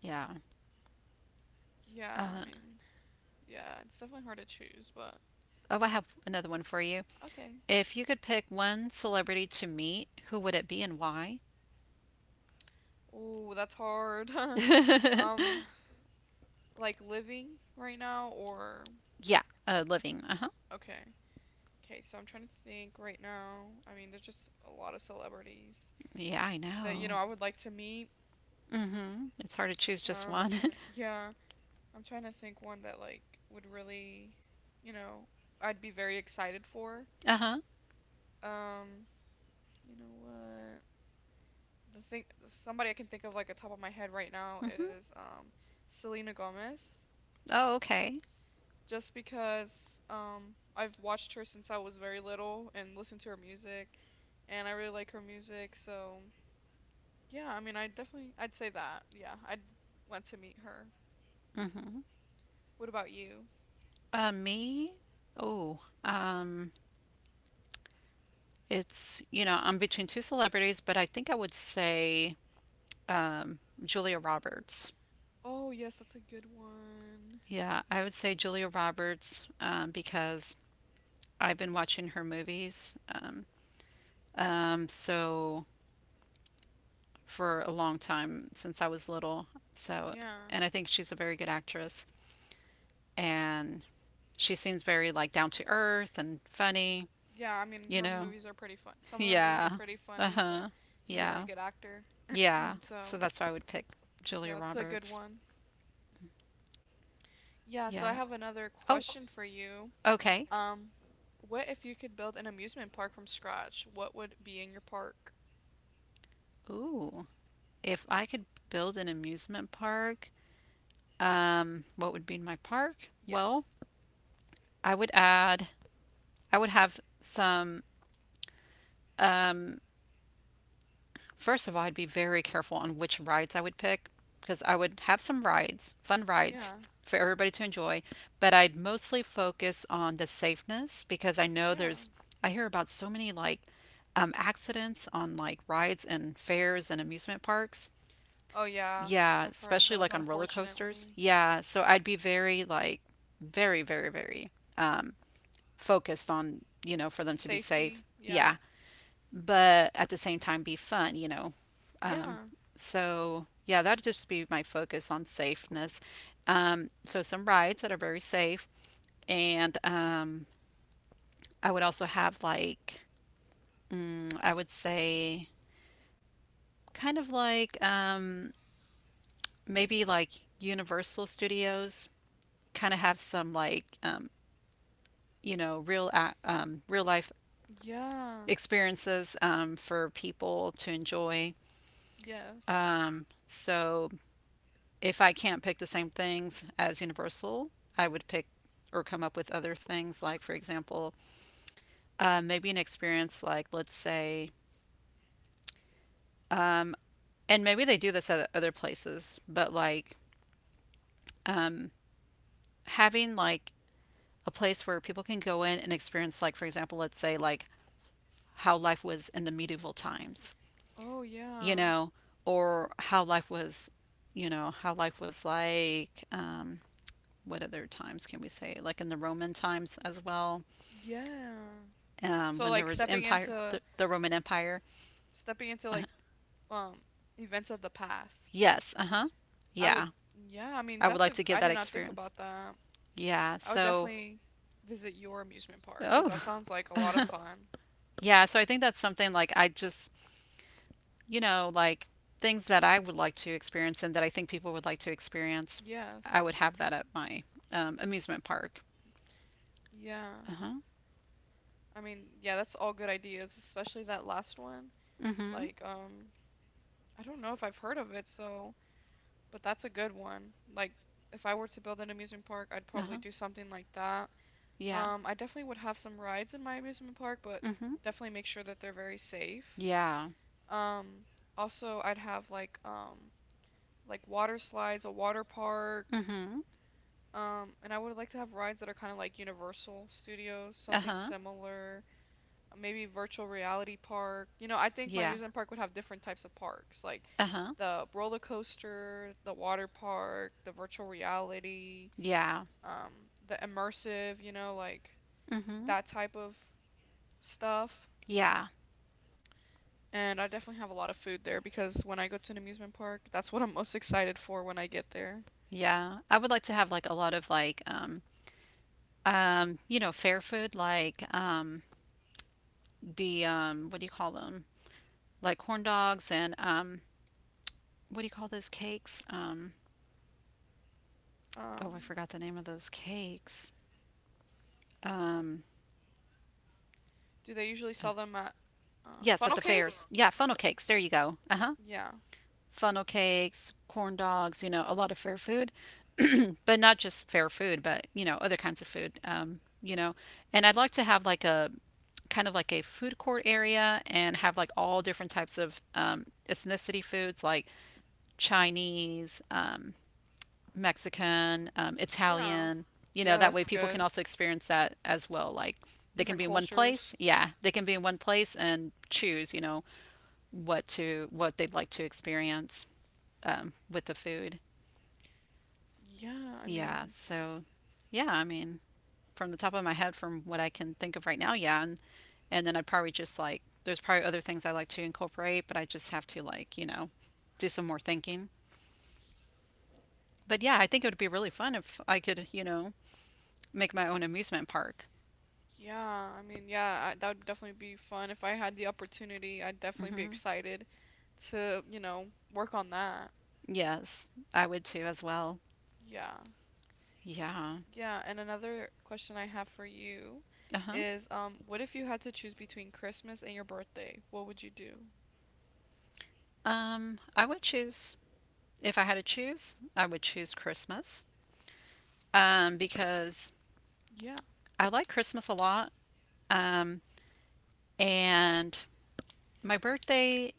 Speaker 2: yeah.
Speaker 1: Yeah, I
Speaker 2: Uh,
Speaker 1: mean, yeah, it's definitely hard to choose, but
Speaker 2: oh, I have another one for you.
Speaker 1: okay.
Speaker 2: If you could pick one celebrity to meet, who would it be and why?
Speaker 1: Oh, that's hard.
Speaker 2: Yeah,
Speaker 1: Um, like living right now or
Speaker 2: living. Uh huh.
Speaker 1: okay. Okay, so I'm trying to think right now. I mean, there's just a lot of celebrities
Speaker 2: Yeah, I
Speaker 1: that, you know,
Speaker 2: know.
Speaker 1: I would like to meet.
Speaker 2: Mhm. It's hard to choose just
Speaker 1: Um, I'm
Speaker 2: one.
Speaker 1: trying to, yeah, I'm trying to think one that like would really, you know, I'd be very excited for.
Speaker 2: Uh-huh.
Speaker 1: Um, you know what? Somebody I can think of like at top of my head right now
Speaker 2: Mhm.
Speaker 1: is Selena Gomez.
Speaker 2: Oh, okay.
Speaker 1: Just because I've watched her since I was very little and listened to her music, and I really like her music, so yeah, I mean, I'd say that. Yeah, I'd want to meet her.
Speaker 2: Mhm.
Speaker 1: What about you?
Speaker 2: Me? Oh, um, you know, I'm between two celebrities, but I think I would say um, Julia Roberts.
Speaker 1: Oh, yes, that's a good one.
Speaker 2: Yeah, I would say Julia Roberts because I've been watching her movies. So for a long time since I was little. So,
Speaker 1: Yeah.
Speaker 2: and I think she's a very good actress. And she seems very like down to earth and funny,
Speaker 1: Yeah, I mean,
Speaker 2: you
Speaker 1: her
Speaker 2: know?
Speaker 1: movies are pretty fun. Some of her movies are Yeah.
Speaker 2: Yeah.
Speaker 1: pretty funny, so
Speaker 2: Uh-huh.
Speaker 1: she's a very
Speaker 2: Yeah.
Speaker 1: good actor. Yeah.
Speaker 2: Yeah. So
Speaker 1: So,
Speaker 2: that's why I would pick
Speaker 1: yeah,
Speaker 2: Julia
Speaker 1: that's a good
Speaker 2: Roberts.
Speaker 1: one. Yeah, so I
Speaker 2: Yeah.
Speaker 1: have another
Speaker 2: Oh,
Speaker 1: question for you. Okay.
Speaker 2: okay.
Speaker 1: What if you could build an amusement park from scratch? What would be in your park?
Speaker 2: Ooh. If I could build an amusement park, what would be my park?
Speaker 1: Yes.
Speaker 2: Well,
Speaker 1: Oh,
Speaker 2: I would add I would have some um first of all, I'd be very careful on which rides I would pick, because I would have some rides, fun rides
Speaker 1: Yeah.
Speaker 2: for everybody to enjoy, but I'd mostly focus on the safeness, because I know
Speaker 1: Yeah.
Speaker 2: there's, I hear about so many like accidents on like rides and fairs and amusement parks.
Speaker 1: Oh, yeah.
Speaker 2: Yeah,
Speaker 1: I've heard of oh,
Speaker 2: especially
Speaker 1: those,
Speaker 2: like
Speaker 1: so like a mall
Speaker 2: on roller coasters.
Speaker 1: unfortunately.
Speaker 2: Yeah, so I'd be very like very focused on, you know, for them to be safe.
Speaker 1: Safety. Yeah.
Speaker 2: Yeah, but at the same time be fun, you know. Um,
Speaker 1: Yeah.
Speaker 2: so yeah, that'd just be my focus on safeness. So some rides that are very safe, and I would also have like I would say kind of like maybe like Universal Studios, kind of have some like you know, real real life
Speaker 1: Yeah.
Speaker 2: experiences for people to enjoy.
Speaker 1: Yes.
Speaker 2: So if I can't pick the same things as Universal, I would pick or come up with other things. Like, for example, maybe an experience like, let's say, and maybe they do this at other places, but like having like a place where people can go in and experience, like, for example, let's say, like how life was in the medieval times,
Speaker 1: Oh
Speaker 2: you
Speaker 1: yeah.
Speaker 2: know, or how life was, you know, how life was like, what other times can we say? Like in the Roman times as well
Speaker 1: Yeah. So
Speaker 2: when there
Speaker 1: like
Speaker 2: was empire, the Roman Empire.
Speaker 1: stepping into
Speaker 2: Uh,
Speaker 1: like um events of the past.
Speaker 2: yes, uh huh.
Speaker 1: I
Speaker 2: Yeah,
Speaker 1: would Yeah, I mean
Speaker 2: I would
Speaker 1: that's
Speaker 2: like
Speaker 1: a
Speaker 2: to give
Speaker 1: I
Speaker 2: that
Speaker 1: did not think
Speaker 2: experience.
Speaker 1: about that.
Speaker 2: Yeah,
Speaker 1: I would
Speaker 2: so,
Speaker 1: definitely visit your amusement park because
Speaker 2: oh,
Speaker 1: that sounds like a lot of fun.
Speaker 2: yeah, so I think that's something like I just, you know, like things that I would like to experience and that I think people would like to experience,
Speaker 1: Yes.
Speaker 2: I would have that at my amusement park.
Speaker 1: Yeah.
Speaker 2: Uh huh.
Speaker 1: I mean, yeah, that's all good ideas, especially that last one.
Speaker 2: Mm hmm.
Speaker 1: Like, I don't know if I've heard of it, so but that's a good one. Like, if I were to build an amusement park, I'd
Speaker 2: Uh
Speaker 1: probably
Speaker 2: huh.
Speaker 1: do something like that.
Speaker 2: Yeah.
Speaker 1: I definitely would have some rides in my amusement park, but
Speaker 2: Mm hmm.
Speaker 1: definitely make sure that they're very safe.
Speaker 2: Yeah.
Speaker 1: Um, Also, I'd have like water slides, a water park.
Speaker 2: Mm hmm.
Speaker 1: And I would like to have rides that are kind of like Universal Studios,
Speaker 2: Uh
Speaker 1: something
Speaker 2: huh.
Speaker 1: similar. Maybe virtual reality park. You know, I think my
Speaker 2: Yeah.
Speaker 1: amusement park would have different types of parks, like
Speaker 2: Uh huh.
Speaker 1: the roller coaster, the water park, the virtual reality.
Speaker 2: Yeah.
Speaker 1: um, the immersive, you know, like
Speaker 2: Mm hmm.
Speaker 1: that type of stuff.
Speaker 2: Yeah.
Speaker 1: And I definitely have a lot of food there because when I go to an amusement park, that's what I'm most excited for when I get there.
Speaker 2: Yeah. I would like to have like a lot of like you know, fair food like the what do you call them? Like corn dogs and what do you call those cakes? Oh, I
Speaker 1: Um,
Speaker 2: forgot the name of those cakes. Um,
Speaker 1: do they usually sell them at
Speaker 2: yes, at
Speaker 1: funnel
Speaker 2: the
Speaker 1: cake?
Speaker 2: fairs. Yeah, funnel cakes. There you go. Uh huh.
Speaker 1: Yeah,
Speaker 2: Funnel cakes, corn dogs. You know, a lot of fair food, but not just fair food, but you know, other kinds of food. You know, and I'd like to have like a kind of like a food court area and have like all different types of ethnicity foods like Chinese, Mexican,
Speaker 1: yeah,
Speaker 2: Italian. You know,
Speaker 1: yeah.
Speaker 2: that way
Speaker 1: That's
Speaker 2: people can
Speaker 1: good.
Speaker 2: also experience that as well. Like they can
Speaker 1: Different
Speaker 2: be in one place.
Speaker 1: cultures.
Speaker 2: Yeah, they can be in one place and choose, you know, what they'd like to experience with the food.
Speaker 1: Yeah, I
Speaker 2: Yeah.
Speaker 1: mean,
Speaker 2: So, yeah, I mean, from the top of my head, from what I can think of right now, yeah, and then I'd probably just like there's probably other things I like to incorporate, but I just have to like you know do some more thinking. But yeah, I think it would be really fun if I could, you know, make my own amusement park.
Speaker 1: yeah. That would definitely be fun if I had the opportunity. I'd definitely be
Speaker 2: hmm
Speaker 1: excited to, you know, work on that.
Speaker 2: Yes, I would too as well.
Speaker 1: Yeah.
Speaker 2: Yeah.
Speaker 1: Yeah, and another question I have for you
Speaker 2: Uh-huh.
Speaker 1: is, what if you had to choose between Christmas and your birthday? What would you do?
Speaker 2: I would choose, if I had to choose, I would choose Christmas. Because
Speaker 1: Yeah.
Speaker 2: I like Christmas a lot. Um, and my birthday,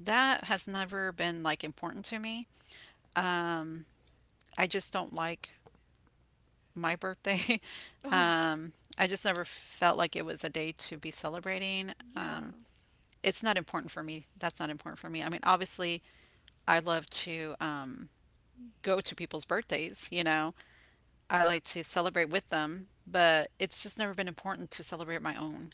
Speaker 2: that has never been like important to me. Um, I just don't like my birthday.
Speaker 1: Oh,
Speaker 2: Um, I just never felt like it was a day to be celebrating.
Speaker 1: yeah.
Speaker 2: It's not important for me. That's not important for me. I mean, obviously, I love to go to people's birthdays, you know, I like to celebrate with them, but it's just never been important to celebrate my own.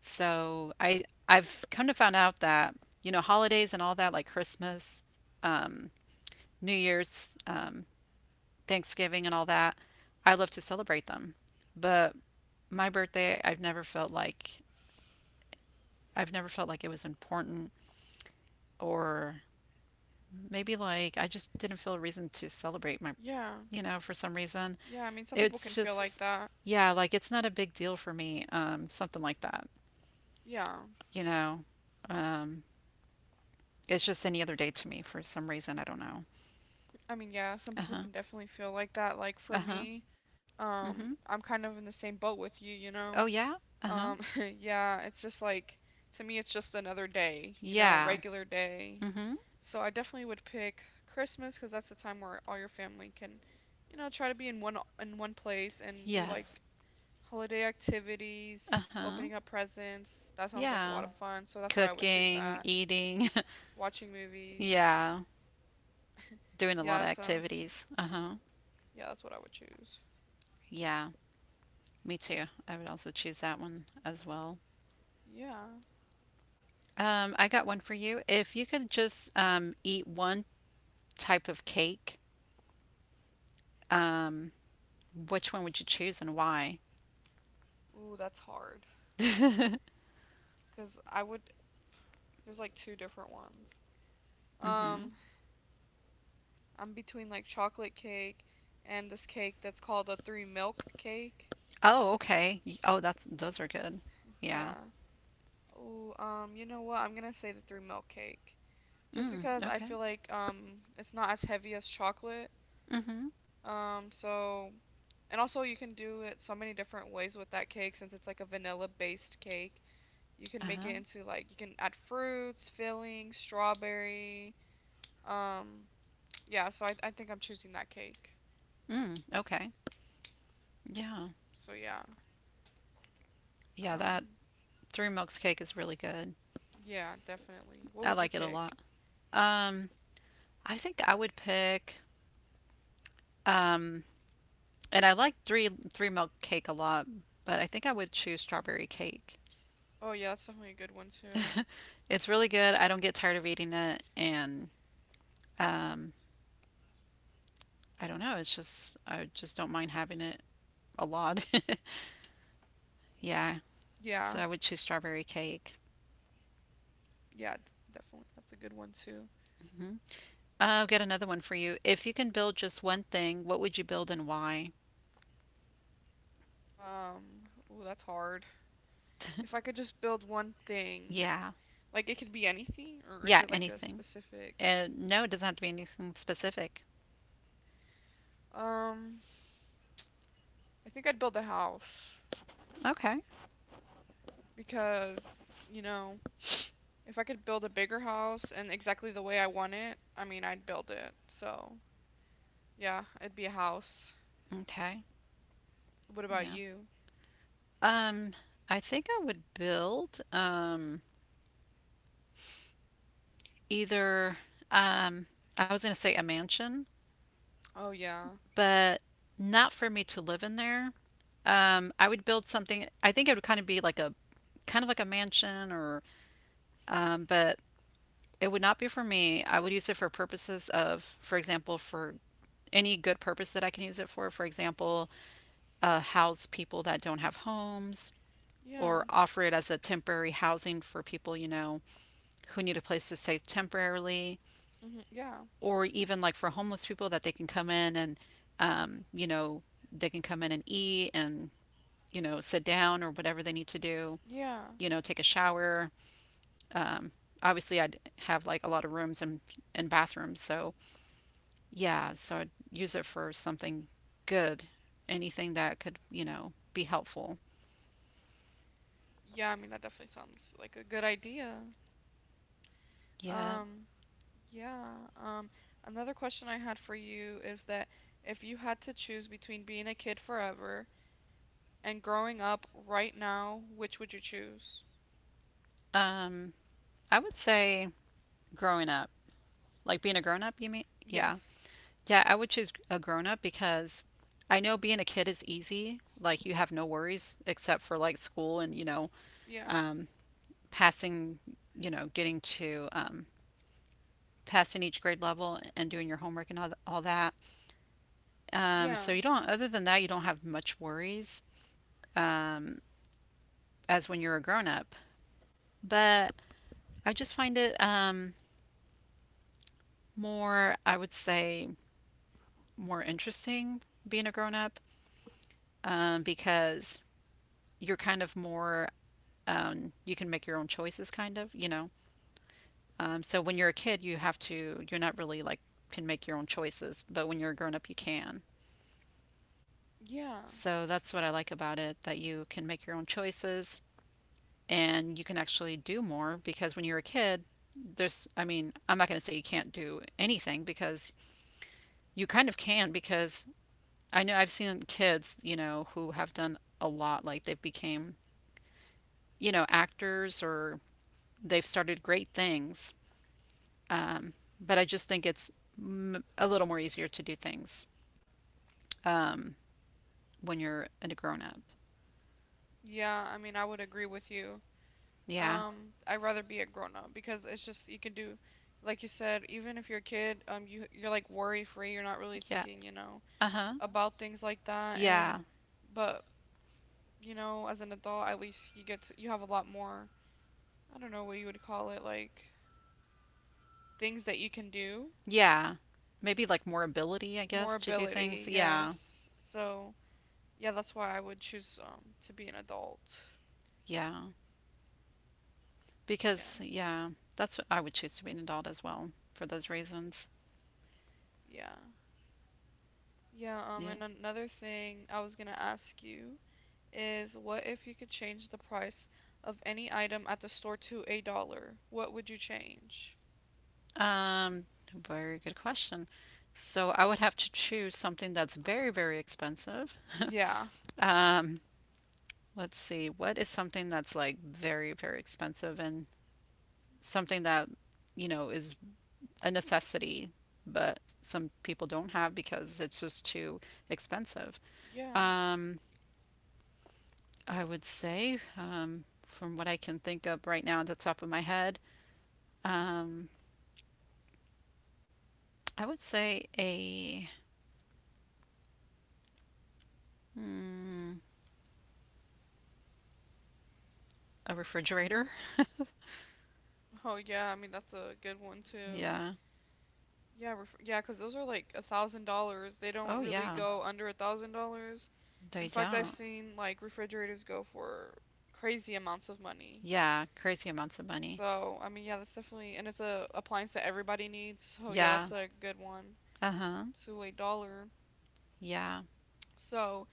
Speaker 2: So I've come to find out that you know holidays and all that like Christmas, New Year's, Thanksgiving and all that, I love to celebrate them, but my birthday I've never felt like it was important, or maybe like I just didn't feel a reason to celebrate my
Speaker 1: Yeah.
Speaker 2: you know, for some reason.
Speaker 1: Yeah, I mean, some people
Speaker 2: It's
Speaker 1: can feel like
Speaker 2: just,
Speaker 1: that.
Speaker 2: yeah, like it's not a big deal for me, something like that,
Speaker 1: Yeah.
Speaker 2: you know. Um, it's just any other day to me for some reason. I don't know.
Speaker 1: I mean, yeah, some
Speaker 2: Uh
Speaker 1: people
Speaker 2: huh.
Speaker 1: can definitely feel like that. Like for
Speaker 2: Uh huh.
Speaker 1: me,
Speaker 2: Mm hmm.
Speaker 1: I'm kind of in the same boat with you, you know?
Speaker 2: Oh, yeah. Uh huh.
Speaker 1: Um, yeah, it's just like to me it's just another day, you know, a
Speaker 2: Yeah.
Speaker 1: regular day.
Speaker 2: Mm hmm.
Speaker 1: So I definitely would pick Christmas because that's the time where all your family can, you know, try to be in one place and do
Speaker 2: Yes.
Speaker 1: like holiday
Speaker 2: Uh
Speaker 1: activities,
Speaker 2: huh.
Speaker 1: opening up presents. That sounds like a lot
Speaker 2: Yeah.
Speaker 1: of fun. So that's why I would choose
Speaker 2: Cooking,
Speaker 1: that.
Speaker 2: eating.
Speaker 1: Watching movies.
Speaker 2: Yeah. Doing a lot
Speaker 1: Yeah,
Speaker 2: of
Speaker 1: so
Speaker 2: activities. Uh huh.
Speaker 1: yeah, that's what I would choose.
Speaker 2: Yeah. Me too. I would also choose that one as well.
Speaker 1: Yeah.
Speaker 2: I got one for you. If you could just eat one type of cake. Um, which one would you choose and why?
Speaker 1: Ooh, that's hard because I would there's like two different ones.
Speaker 2: Mm.
Speaker 1: Um, I'm between like chocolate cake and this cake that's called a three milk cake.
Speaker 2: Oh, okay. Oh, that's those are good. Yeah.
Speaker 1: Yeah. Oh, you know what? I'm gonna say the three milk cake. Just
Speaker 2: Mm,
Speaker 1: because I
Speaker 2: okay.
Speaker 1: feel like it's not as heavy as chocolate.
Speaker 2: Mm-hmm.
Speaker 1: So and also you can do it so many different ways with that cake since it's like a vanilla based cake. You can make
Speaker 2: Uh-huh.
Speaker 1: it into like you can add fruits, filling, strawberry. Um, yeah, so I think I'm choosing that cake.
Speaker 2: Mm, okay. Yeah.
Speaker 1: So yeah.
Speaker 2: Yeah, that
Speaker 1: Um,
Speaker 2: three milks cake is really good.
Speaker 1: yeah, definitely. What
Speaker 2: I
Speaker 1: would you
Speaker 2: like it a
Speaker 1: pick?
Speaker 2: lot. Um, I think I would pick um and I like three milk cake a lot, but I think I would choose strawberry cake.
Speaker 1: Oh yeah, that's definitely a good one too.
Speaker 2: It's really good. I don't get tired of eating it and um, I don't know. It's just I just don't mind having it a lot. Yeah.
Speaker 1: Yeah.
Speaker 2: So I would choose strawberry cake.
Speaker 1: Yeah, definitely. That's a good one too.
Speaker 2: hmm I'll get another one for you. If you can build just one thing, what would you build and why?
Speaker 1: Um, oh, that's hard. If I could just build one thing,
Speaker 2: Yeah.
Speaker 1: like it could be anything, or
Speaker 2: Yeah,
Speaker 1: is it like a
Speaker 2: anything.
Speaker 1: specific?
Speaker 2: No, it doesn't have to be anything specific.
Speaker 1: Um, I think I'd build a house
Speaker 2: Okay.
Speaker 1: because, you know, if I could build a bigger house and exactly the way I want it, I mean, I'd build it. So, yeah, it'd be a house.
Speaker 2: Okay.
Speaker 1: What about
Speaker 2: Yeah.
Speaker 1: you?
Speaker 2: Um, I think I would build either um I was gonna say a mansion,
Speaker 1: Oh, yeah.
Speaker 2: but not for me to live in there. I would build something. I think it would kind of be like a kind of like a mansion or but it would not be for me. I would use it for purposes of, for example, for any good purpose that I can use it for. For example, house people that don't have homes
Speaker 1: Yeah.
Speaker 2: or offer it as a temporary housing for people, you know, who need a place to stay temporarily
Speaker 1: Hmm. Yeah.
Speaker 2: or even like for homeless people that they can come in and um, you know, they can come in and eat and you know, sit down or whatever they need to do,
Speaker 1: Yeah.
Speaker 2: you know, take a shower. Obviously, I'd have like a lot of rooms and bathrooms. So, yeah, so I'd use it for something good, anything that could, you know, be helpful.
Speaker 1: Yeah, I mean, that definitely sounds like a good idea.
Speaker 2: Yeah.
Speaker 1: Um, Yeah. Um, another question I had for you is that if you had to choose between being a kid forever and growing up right now, which would you choose?
Speaker 2: Um, I would say growing up, like being a grown up, you mean? Yeah.
Speaker 1: Yes.
Speaker 2: Yeah, I would choose a grown up because I know being a kid is easy. Like you have no worries except for like school and, you know,
Speaker 1: Yeah.
Speaker 2: um, passing, you know, getting to passing each grade level and doing your homework and all that.
Speaker 1: Yeah.
Speaker 2: So you don't, other than that, you don't have much worries um, as when you're a grown up. But I just find it more, I would say, more interesting being a grown up because you're kind of more, you can make your own choices, kind of, you know. So when you're a kid, you have to, you're not really like, can make your own choices, but when you're a grown up, you can.
Speaker 1: Yeah.
Speaker 2: So that's what I like about it that you can make your own choices and you can actually do more because when you're a kid, there's, I mean, I'm not going to say you can't do anything because you kind of can because I know I've seen kids, you know, who have done a lot, like they've became, you know, actors or they've started great things. Um, but I just think it's a little more easier to do things um, when you're a grown up.
Speaker 1: Yeah. I mean, I would agree with you.
Speaker 2: Yeah.
Speaker 1: I'd rather be a grown up because it's just you can do, like you said, even if you're a kid, you're like worry free. You're not really
Speaker 2: Yeah.
Speaker 1: thinking, you know,
Speaker 2: Uh huh.
Speaker 1: about things like that. And
Speaker 2: Yeah.
Speaker 1: but you know, as an adult, at least you get to, you have a lot more, I don't know what you would call it, like things that you can do.
Speaker 2: Yeah. Maybe like more ability, I
Speaker 1: More
Speaker 2: guess, to do
Speaker 1: ability,
Speaker 2: things. Yeah.
Speaker 1: yes. So, yeah, that's why I would choose to be an adult.
Speaker 2: Yeah.
Speaker 1: Yeah.
Speaker 2: Because yeah, that's what I would choose to be an adult as well for those reasons.
Speaker 1: Yeah. Yeah,
Speaker 2: Yeah.
Speaker 1: and another thing I was gonna ask you is what if you could change the price of any item at the store to a dollar? What would you change?
Speaker 2: Um, Very good question. So I would have to choose something that's very, very expensive.
Speaker 1: Yeah.
Speaker 2: Um, let's see, what is something that's like very, very expensive and something that, you know, is a necessity, but some people don't have because it's just too expensive.
Speaker 1: Yeah.
Speaker 2: Um, I would say, from what I can think of right now at the top of my head, um, I would say a mm, a refrigerator.
Speaker 1: Oh yeah, I mean that's a good one too.
Speaker 2: Yeah.
Speaker 1: Yeah, ref yeah, 'cause those are like $1,000. They don't
Speaker 2: Oh
Speaker 1: really
Speaker 2: yeah,
Speaker 1: go under $1,000. In
Speaker 2: they
Speaker 1: fact, I've
Speaker 2: don't.
Speaker 1: seen like refrigerators go for crazy amounts of money.
Speaker 2: Yeah, crazy amounts of money.
Speaker 1: So, I mean, yeah, that's definitely, and it's a appliance that everybody needs. So, yeah,
Speaker 2: Yeah.
Speaker 1: that's a good one
Speaker 2: Uh-huh.
Speaker 1: to a dollar.
Speaker 2: Yeah.
Speaker 1: So,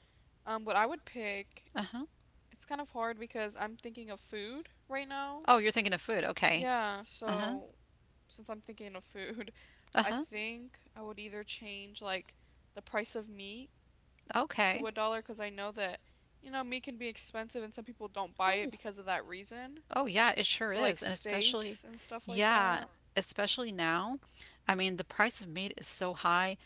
Speaker 1: what I would pick,
Speaker 2: Uh-huh.
Speaker 1: it's kind of hard because I'm thinking of food right now.
Speaker 2: Oh, you're thinking of food. Okay.
Speaker 1: Yeah,
Speaker 2: Uh-huh.
Speaker 1: so since I'm thinking of food, I
Speaker 2: Uh-huh.
Speaker 1: think I would either change like the price of meat to
Speaker 2: Okay.
Speaker 1: a dollar because I know that you know meat can be expensive and some people don't buy
Speaker 2: Oh,
Speaker 1: it because of that reason.
Speaker 2: oh yeah, it sure
Speaker 1: So like
Speaker 2: is. And especially
Speaker 1: steaks and stuff like
Speaker 2: yeah,
Speaker 1: that.
Speaker 2: especially now. I mean, the price of meat is so high.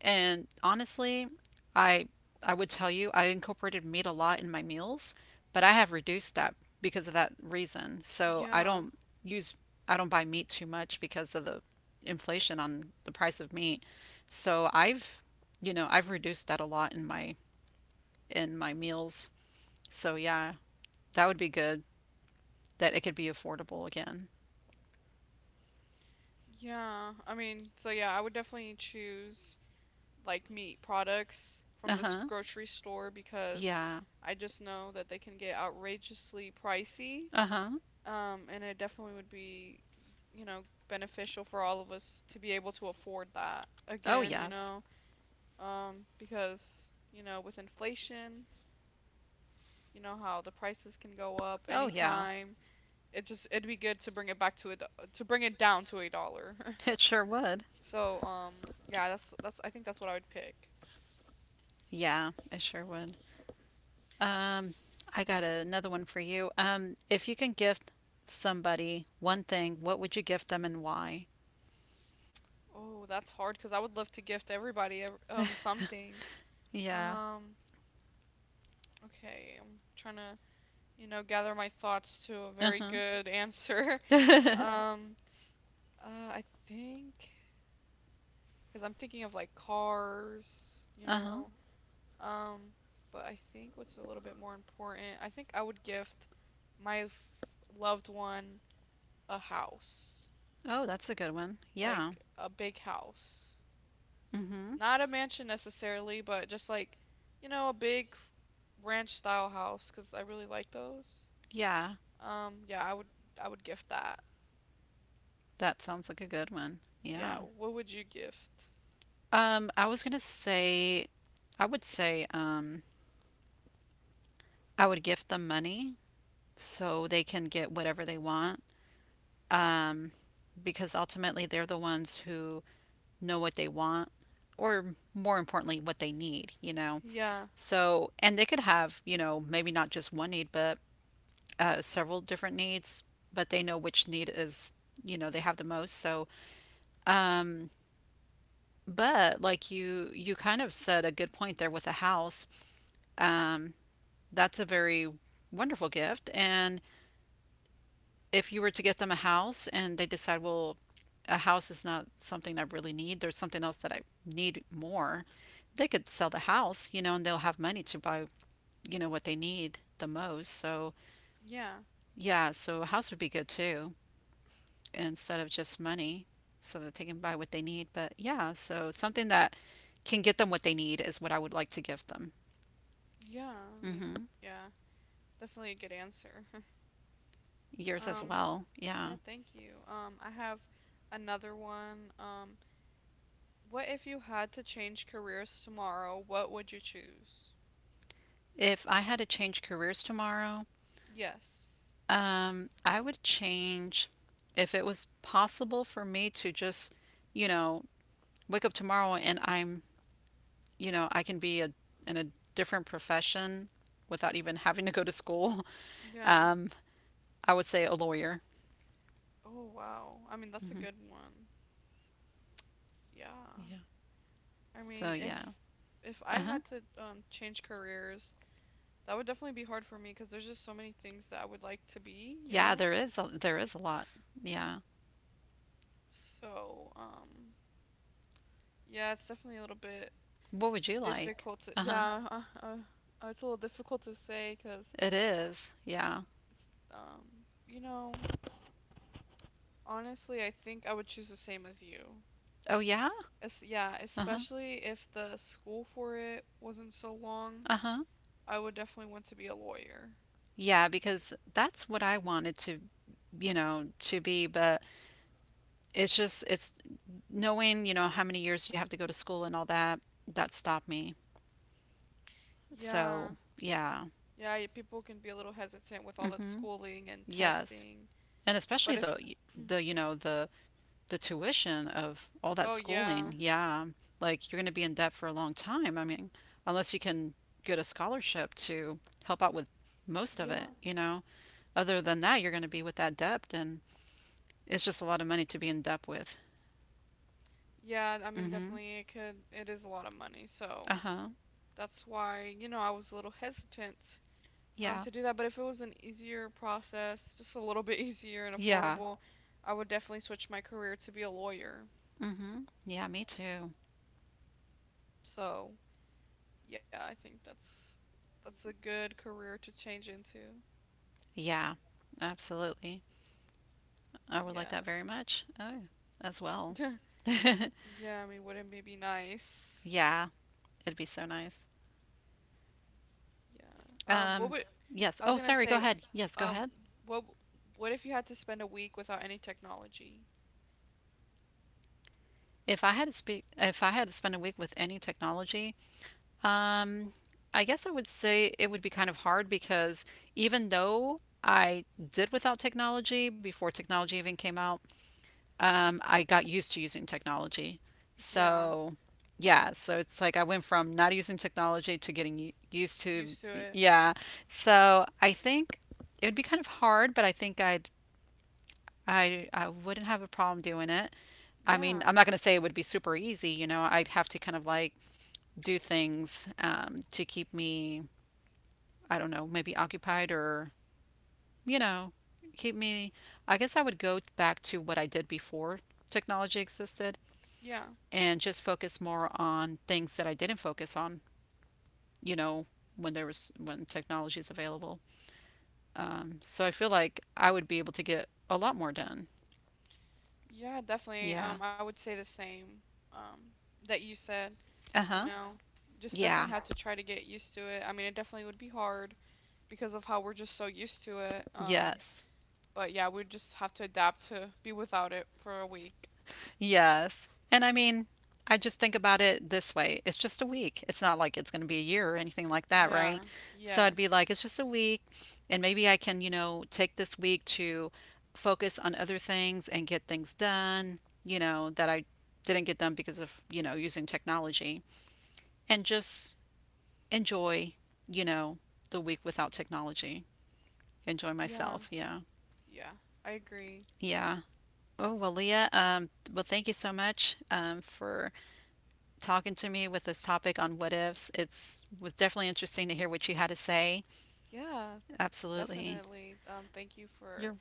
Speaker 2: And honestly, I I would tell you I incorporated meat a lot in my meals, but I have reduced that because of that reason. So I
Speaker 1: Yeah.
Speaker 2: don't use I don't buy meat too much because of the inflation on the price of meat. So I've you know, I've reduced that a lot in my meals. So yeah, that would be good that it could be affordable again.
Speaker 1: Yeah. I mean, so yeah, I would definitely choose like meat products from the
Speaker 2: Uh-huh.
Speaker 1: grocery store because
Speaker 2: Yeah.
Speaker 1: I just know that they can get outrageously pricey.
Speaker 2: Uh-huh.
Speaker 1: And it definitely would be, you know, beneficial for all of us to be able to afford that
Speaker 2: Oh
Speaker 1: again, you
Speaker 2: yes.
Speaker 1: know, because, you know, with inflation you know how the prices can go up
Speaker 2: Oh yeah.
Speaker 1: anytime. It just it'd be good to bring it back to a to bring it down to a dollar.
Speaker 2: It sure would.
Speaker 1: so yeah, that's I think that's what I would pick.
Speaker 2: Yeah, it sure would. Um, I got another one for you. If you can gift somebody one thing, what would you gift them and why?
Speaker 1: Oh, that's hard because I would love to gift everybody something.
Speaker 2: Yeah.
Speaker 1: Um, okay, I'm trying to you know gather my thoughts to a
Speaker 2: Uh
Speaker 1: very
Speaker 2: huh.
Speaker 1: good answer. um uh, I think because I'm thinking of like cars, you
Speaker 2: Uh huh.
Speaker 1: know. Um, but I think what's a little bit more important, I think I would gift my f- loved one a house,
Speaker 2: Oh, that's a good one. Yeah.
Speaker 1: like a big house.
Speaker 2: Mm hmm.
Speaker 1: Not a mansion necessarily, but just like, you know, a big ranch style house 'cause I really like those.
Speaker 2: Yeah.
Speaker 1: Yeah, I would gift that.
Speaker 2: That sounds like a good one. Yeah.
Speaker 1: Yeah, what would you gift?
Speaker 2: I was gonna say, I would gift them money so they can get whatever they want. Um, because ultimately they're the ones who know what they want or more importantly what they need, you know,
Speaker 1: Yeah.
Speaker 2: so and they could have, you know, maybe not just one need but several different needs but they know which need is, you know, they have the most. So um but like you kind of said a good point there with a house, um that's a very wonderful gift. And if you were to get them a house and they decide, well, a house is not something I really need, there's something else that I need more, they could sell the house, you know, and they'll have money to buy, you know, what they need the most. So,
Speaker 1: Yeah.
Speaker 2: yeah, so a house would be good too, instead of just money, so that they can buy what they need. But yeah, so something that can get them what they need is what I would like to give them.
Speaker 1: Yeah, I mean,
Speaker 2: Hmm.
Speaker 1: yeah. Definitely a good answer.
Speaker 2: Yours as
Speaker 1: Um,
Speaker 2: well. Yeah.
Speaker 1: yeah, thank you. I have another one. What if you had to change careers tomorrow? What would you choose?
Speaker 2: If I had to change careers tomorrow,
Speaker 1: Yes.
Speaker 2: I would change if it was possible for me to just, you know, wake up tomorrow and I'm, you know, I can be a, in a different profession without even having to go to school.
Speaker 1: Yeah.
Speaker 2: Um, I would say a lawyer.
Speaker 1: Oh, wow. I mean, that's a
Speaker 2: Hmm.
Speaker 1: good one. Yeah.
Speaker 2: Yeah.
Speaker 1: I
Speaker 2: So
Speaker 1: mean,
Speaker 2: yeah.
Speaker 1: if I
Speaker 2: Uh-huh.
Speaker 1: had to change careers, that would definitely be hard for me because there's just so many things that I would like to be, you
Speaker 2: Yeah,
Speaker 1: know?
Speaker 2: there is a lot. Yeah.
Speaker 1: So, yeah, it's definitely a little bit
Speaker 2: What would you like?
Speaker 1: difficult to,
Speaker 2: Uh-huh.
Speaker 1: yeah, it's a little difficult to say because
Speaker 2: It is. Yeah.
Speaker 1: it's, you know, honestly, I think I would choose the same as you.
Speaker 2: Oh yeah?
Speaker 1: Es yeah,
Speaker 2: Uh-huh.
Speaker 1: especially if the school for it wasn't so long,
Speaker 2: Uh-huh.
Speaker 1: I would definitely want to be a lawyer.
Speaker 2: Yeah, because that's what I wanted to, you know, to be, but it's just it's knowing, you know, how many years you have to go to school and all that that stopped me.
Speaker 1: Yeah,
Speaker 2: So yeah.
Speaker 1: yeah, people can be a little hesitant with all that
Speaker 2: Hmm.
Speaker 1: schooling and
Speaker 2: Yes.
Speaker 1: testing,
Speaker 2: And especially
Speaker 1: but if,
Speaker 2: the, you know, the tuition of all that
Speaker 1: oh yeah,
Speaker 2: schooling. Yeah, like you're going to be in debt for a long time. I mean, unless you can get a scholarship to help out with most of
Speaker 1: yeah,
Speaker 2: it, you know, other than that you're going to be with that debt and it's just a lot of money to be in debt with.
Speaker 1: yeah, I mean,
Speaker 2: Hmm.
Speaker 1: definitely it could, it is a lot of money, so
Speaker 2: Uh-huh.
Speaker 1: that's why, you know, I was a little hesitant
Speaker 2: Yeah.
Speaker 1: to do that. But if it was an easier process, just a little bit easier and
Speaker 2: Yeah.
Speaker 1: affordable, yeah. I would definitely switch my career to be a lawyer.
Speaker 2: Hmm. Yeah, me too.
Speaker 1: So yeah, I think that's a good career to change into.
Speaker 2: Yeah, absolutely. I would like
Speaker 1: Yeah.
Speaker 2: that very much. Oh, as well.
Speaker 1: Yeah, I mean, wouldn't it be nice?
Speaker 2: Yeah, it'd be so nice.
Speaker 1: Yeah. What
Speaker 2: Um,
Speaker 1: would
Speaker 2: yes.
Speaker 1: I was
Speaker 2: Oh,
Speaker 1: gonna
Speaker 2: sorry, go
Speaker 1: say,
Speaker 2: ahead. Yes, go
Speaker 1: um,
Speaker 2: ahead.
Speaker 1: what what if you had to spend a week without any technology?
Speaker 2: If I had to speak, if I had to spend a week with any technology, um, I guess I would say it would be kind of hard because even though I did without technology before technology even came out, I got used to using technology.
Speaker 1: Yeah,
Speaker 2: So, yeah, so it's like I went from not using technology to getting used to,
Speaker 1: used to it.
Speaker 2: yeah. So I think it would be kind of hard, but I think I'd I wouldn't have a problem doing it. I mean,
Speaker 1: Yeah,
Speaker 2: I'm not gonna say it would be super easy, you know. I'd have to kind of like do things to keep me, I don't know, maybe occupied or you know, keep me. I guess I would go back to what I did before technology existed
Speaker 1: yeah.
Speaker 2: and just focus more on things that I didn't focus on, you know, when there was when technology is available. So I feel like I would be able to get a lot more done.
Speaker 1: Yeah, definitely.
Speaker 2: Yeah.
Speaker 1: I would say the same. Um, that you said,
Speaker 2: Uh
Speaker 1: you Uh-huh.
Speaker 2: huh.
Speaker 1: know, just definitely
Speaker 2: Yeah.
Speaker 1: had to try to get used to it. I mean, it definitely would be hard because of how we're just so used to it. Yeah.
Speaker 2: Yes.
Speaker 1: But yeah, we'd just have to adapt to be without it for a week.
Speaker 2: Yes. And I mean, I just think about it this way. It's just a week. It's not like it's going to be a year or anything like
Speaker 1: Sure.
Speaker 2: that, right?
Speaker 1: Yeah.
Speaker 2: So I'd be
Speaker 1: Yes.
Speaker 2: like, it's just a week. And maybe I can, you know, take this week to focus on other things and get things done, you know, that I didn't get done because of, you know, using technology and just enjoy, you know, the week without technology. Enjoy
Speaker 1: Yeah.
Speaker 2: myself. Yeah.
Speaker 1: Yeah. I agree.
Speaker 2: Yeah. Oh, well, Leah, well, thank you so much for talking to me with this topic on what ifs. It's was definitely interesting to hear what you had to say.
Speaker 1: Yeah,
Speaker 2: Absolutely.
Speaker 1: definitely. Thank you for
Speaker 2: You're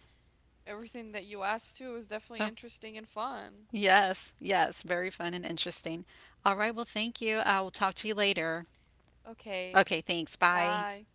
Speaker 1: everything that you asked too. It was definitely
Speaker 2: oh,
Speaker 1: interesting and fun.
Speaker 2: yes, yes, very fun and interesting. All right, well, thank you. I will talk to you later.
Speaker 1: Okay.
Speaker 2: Okay, thanks. Bye.
Speaker 1: Bye.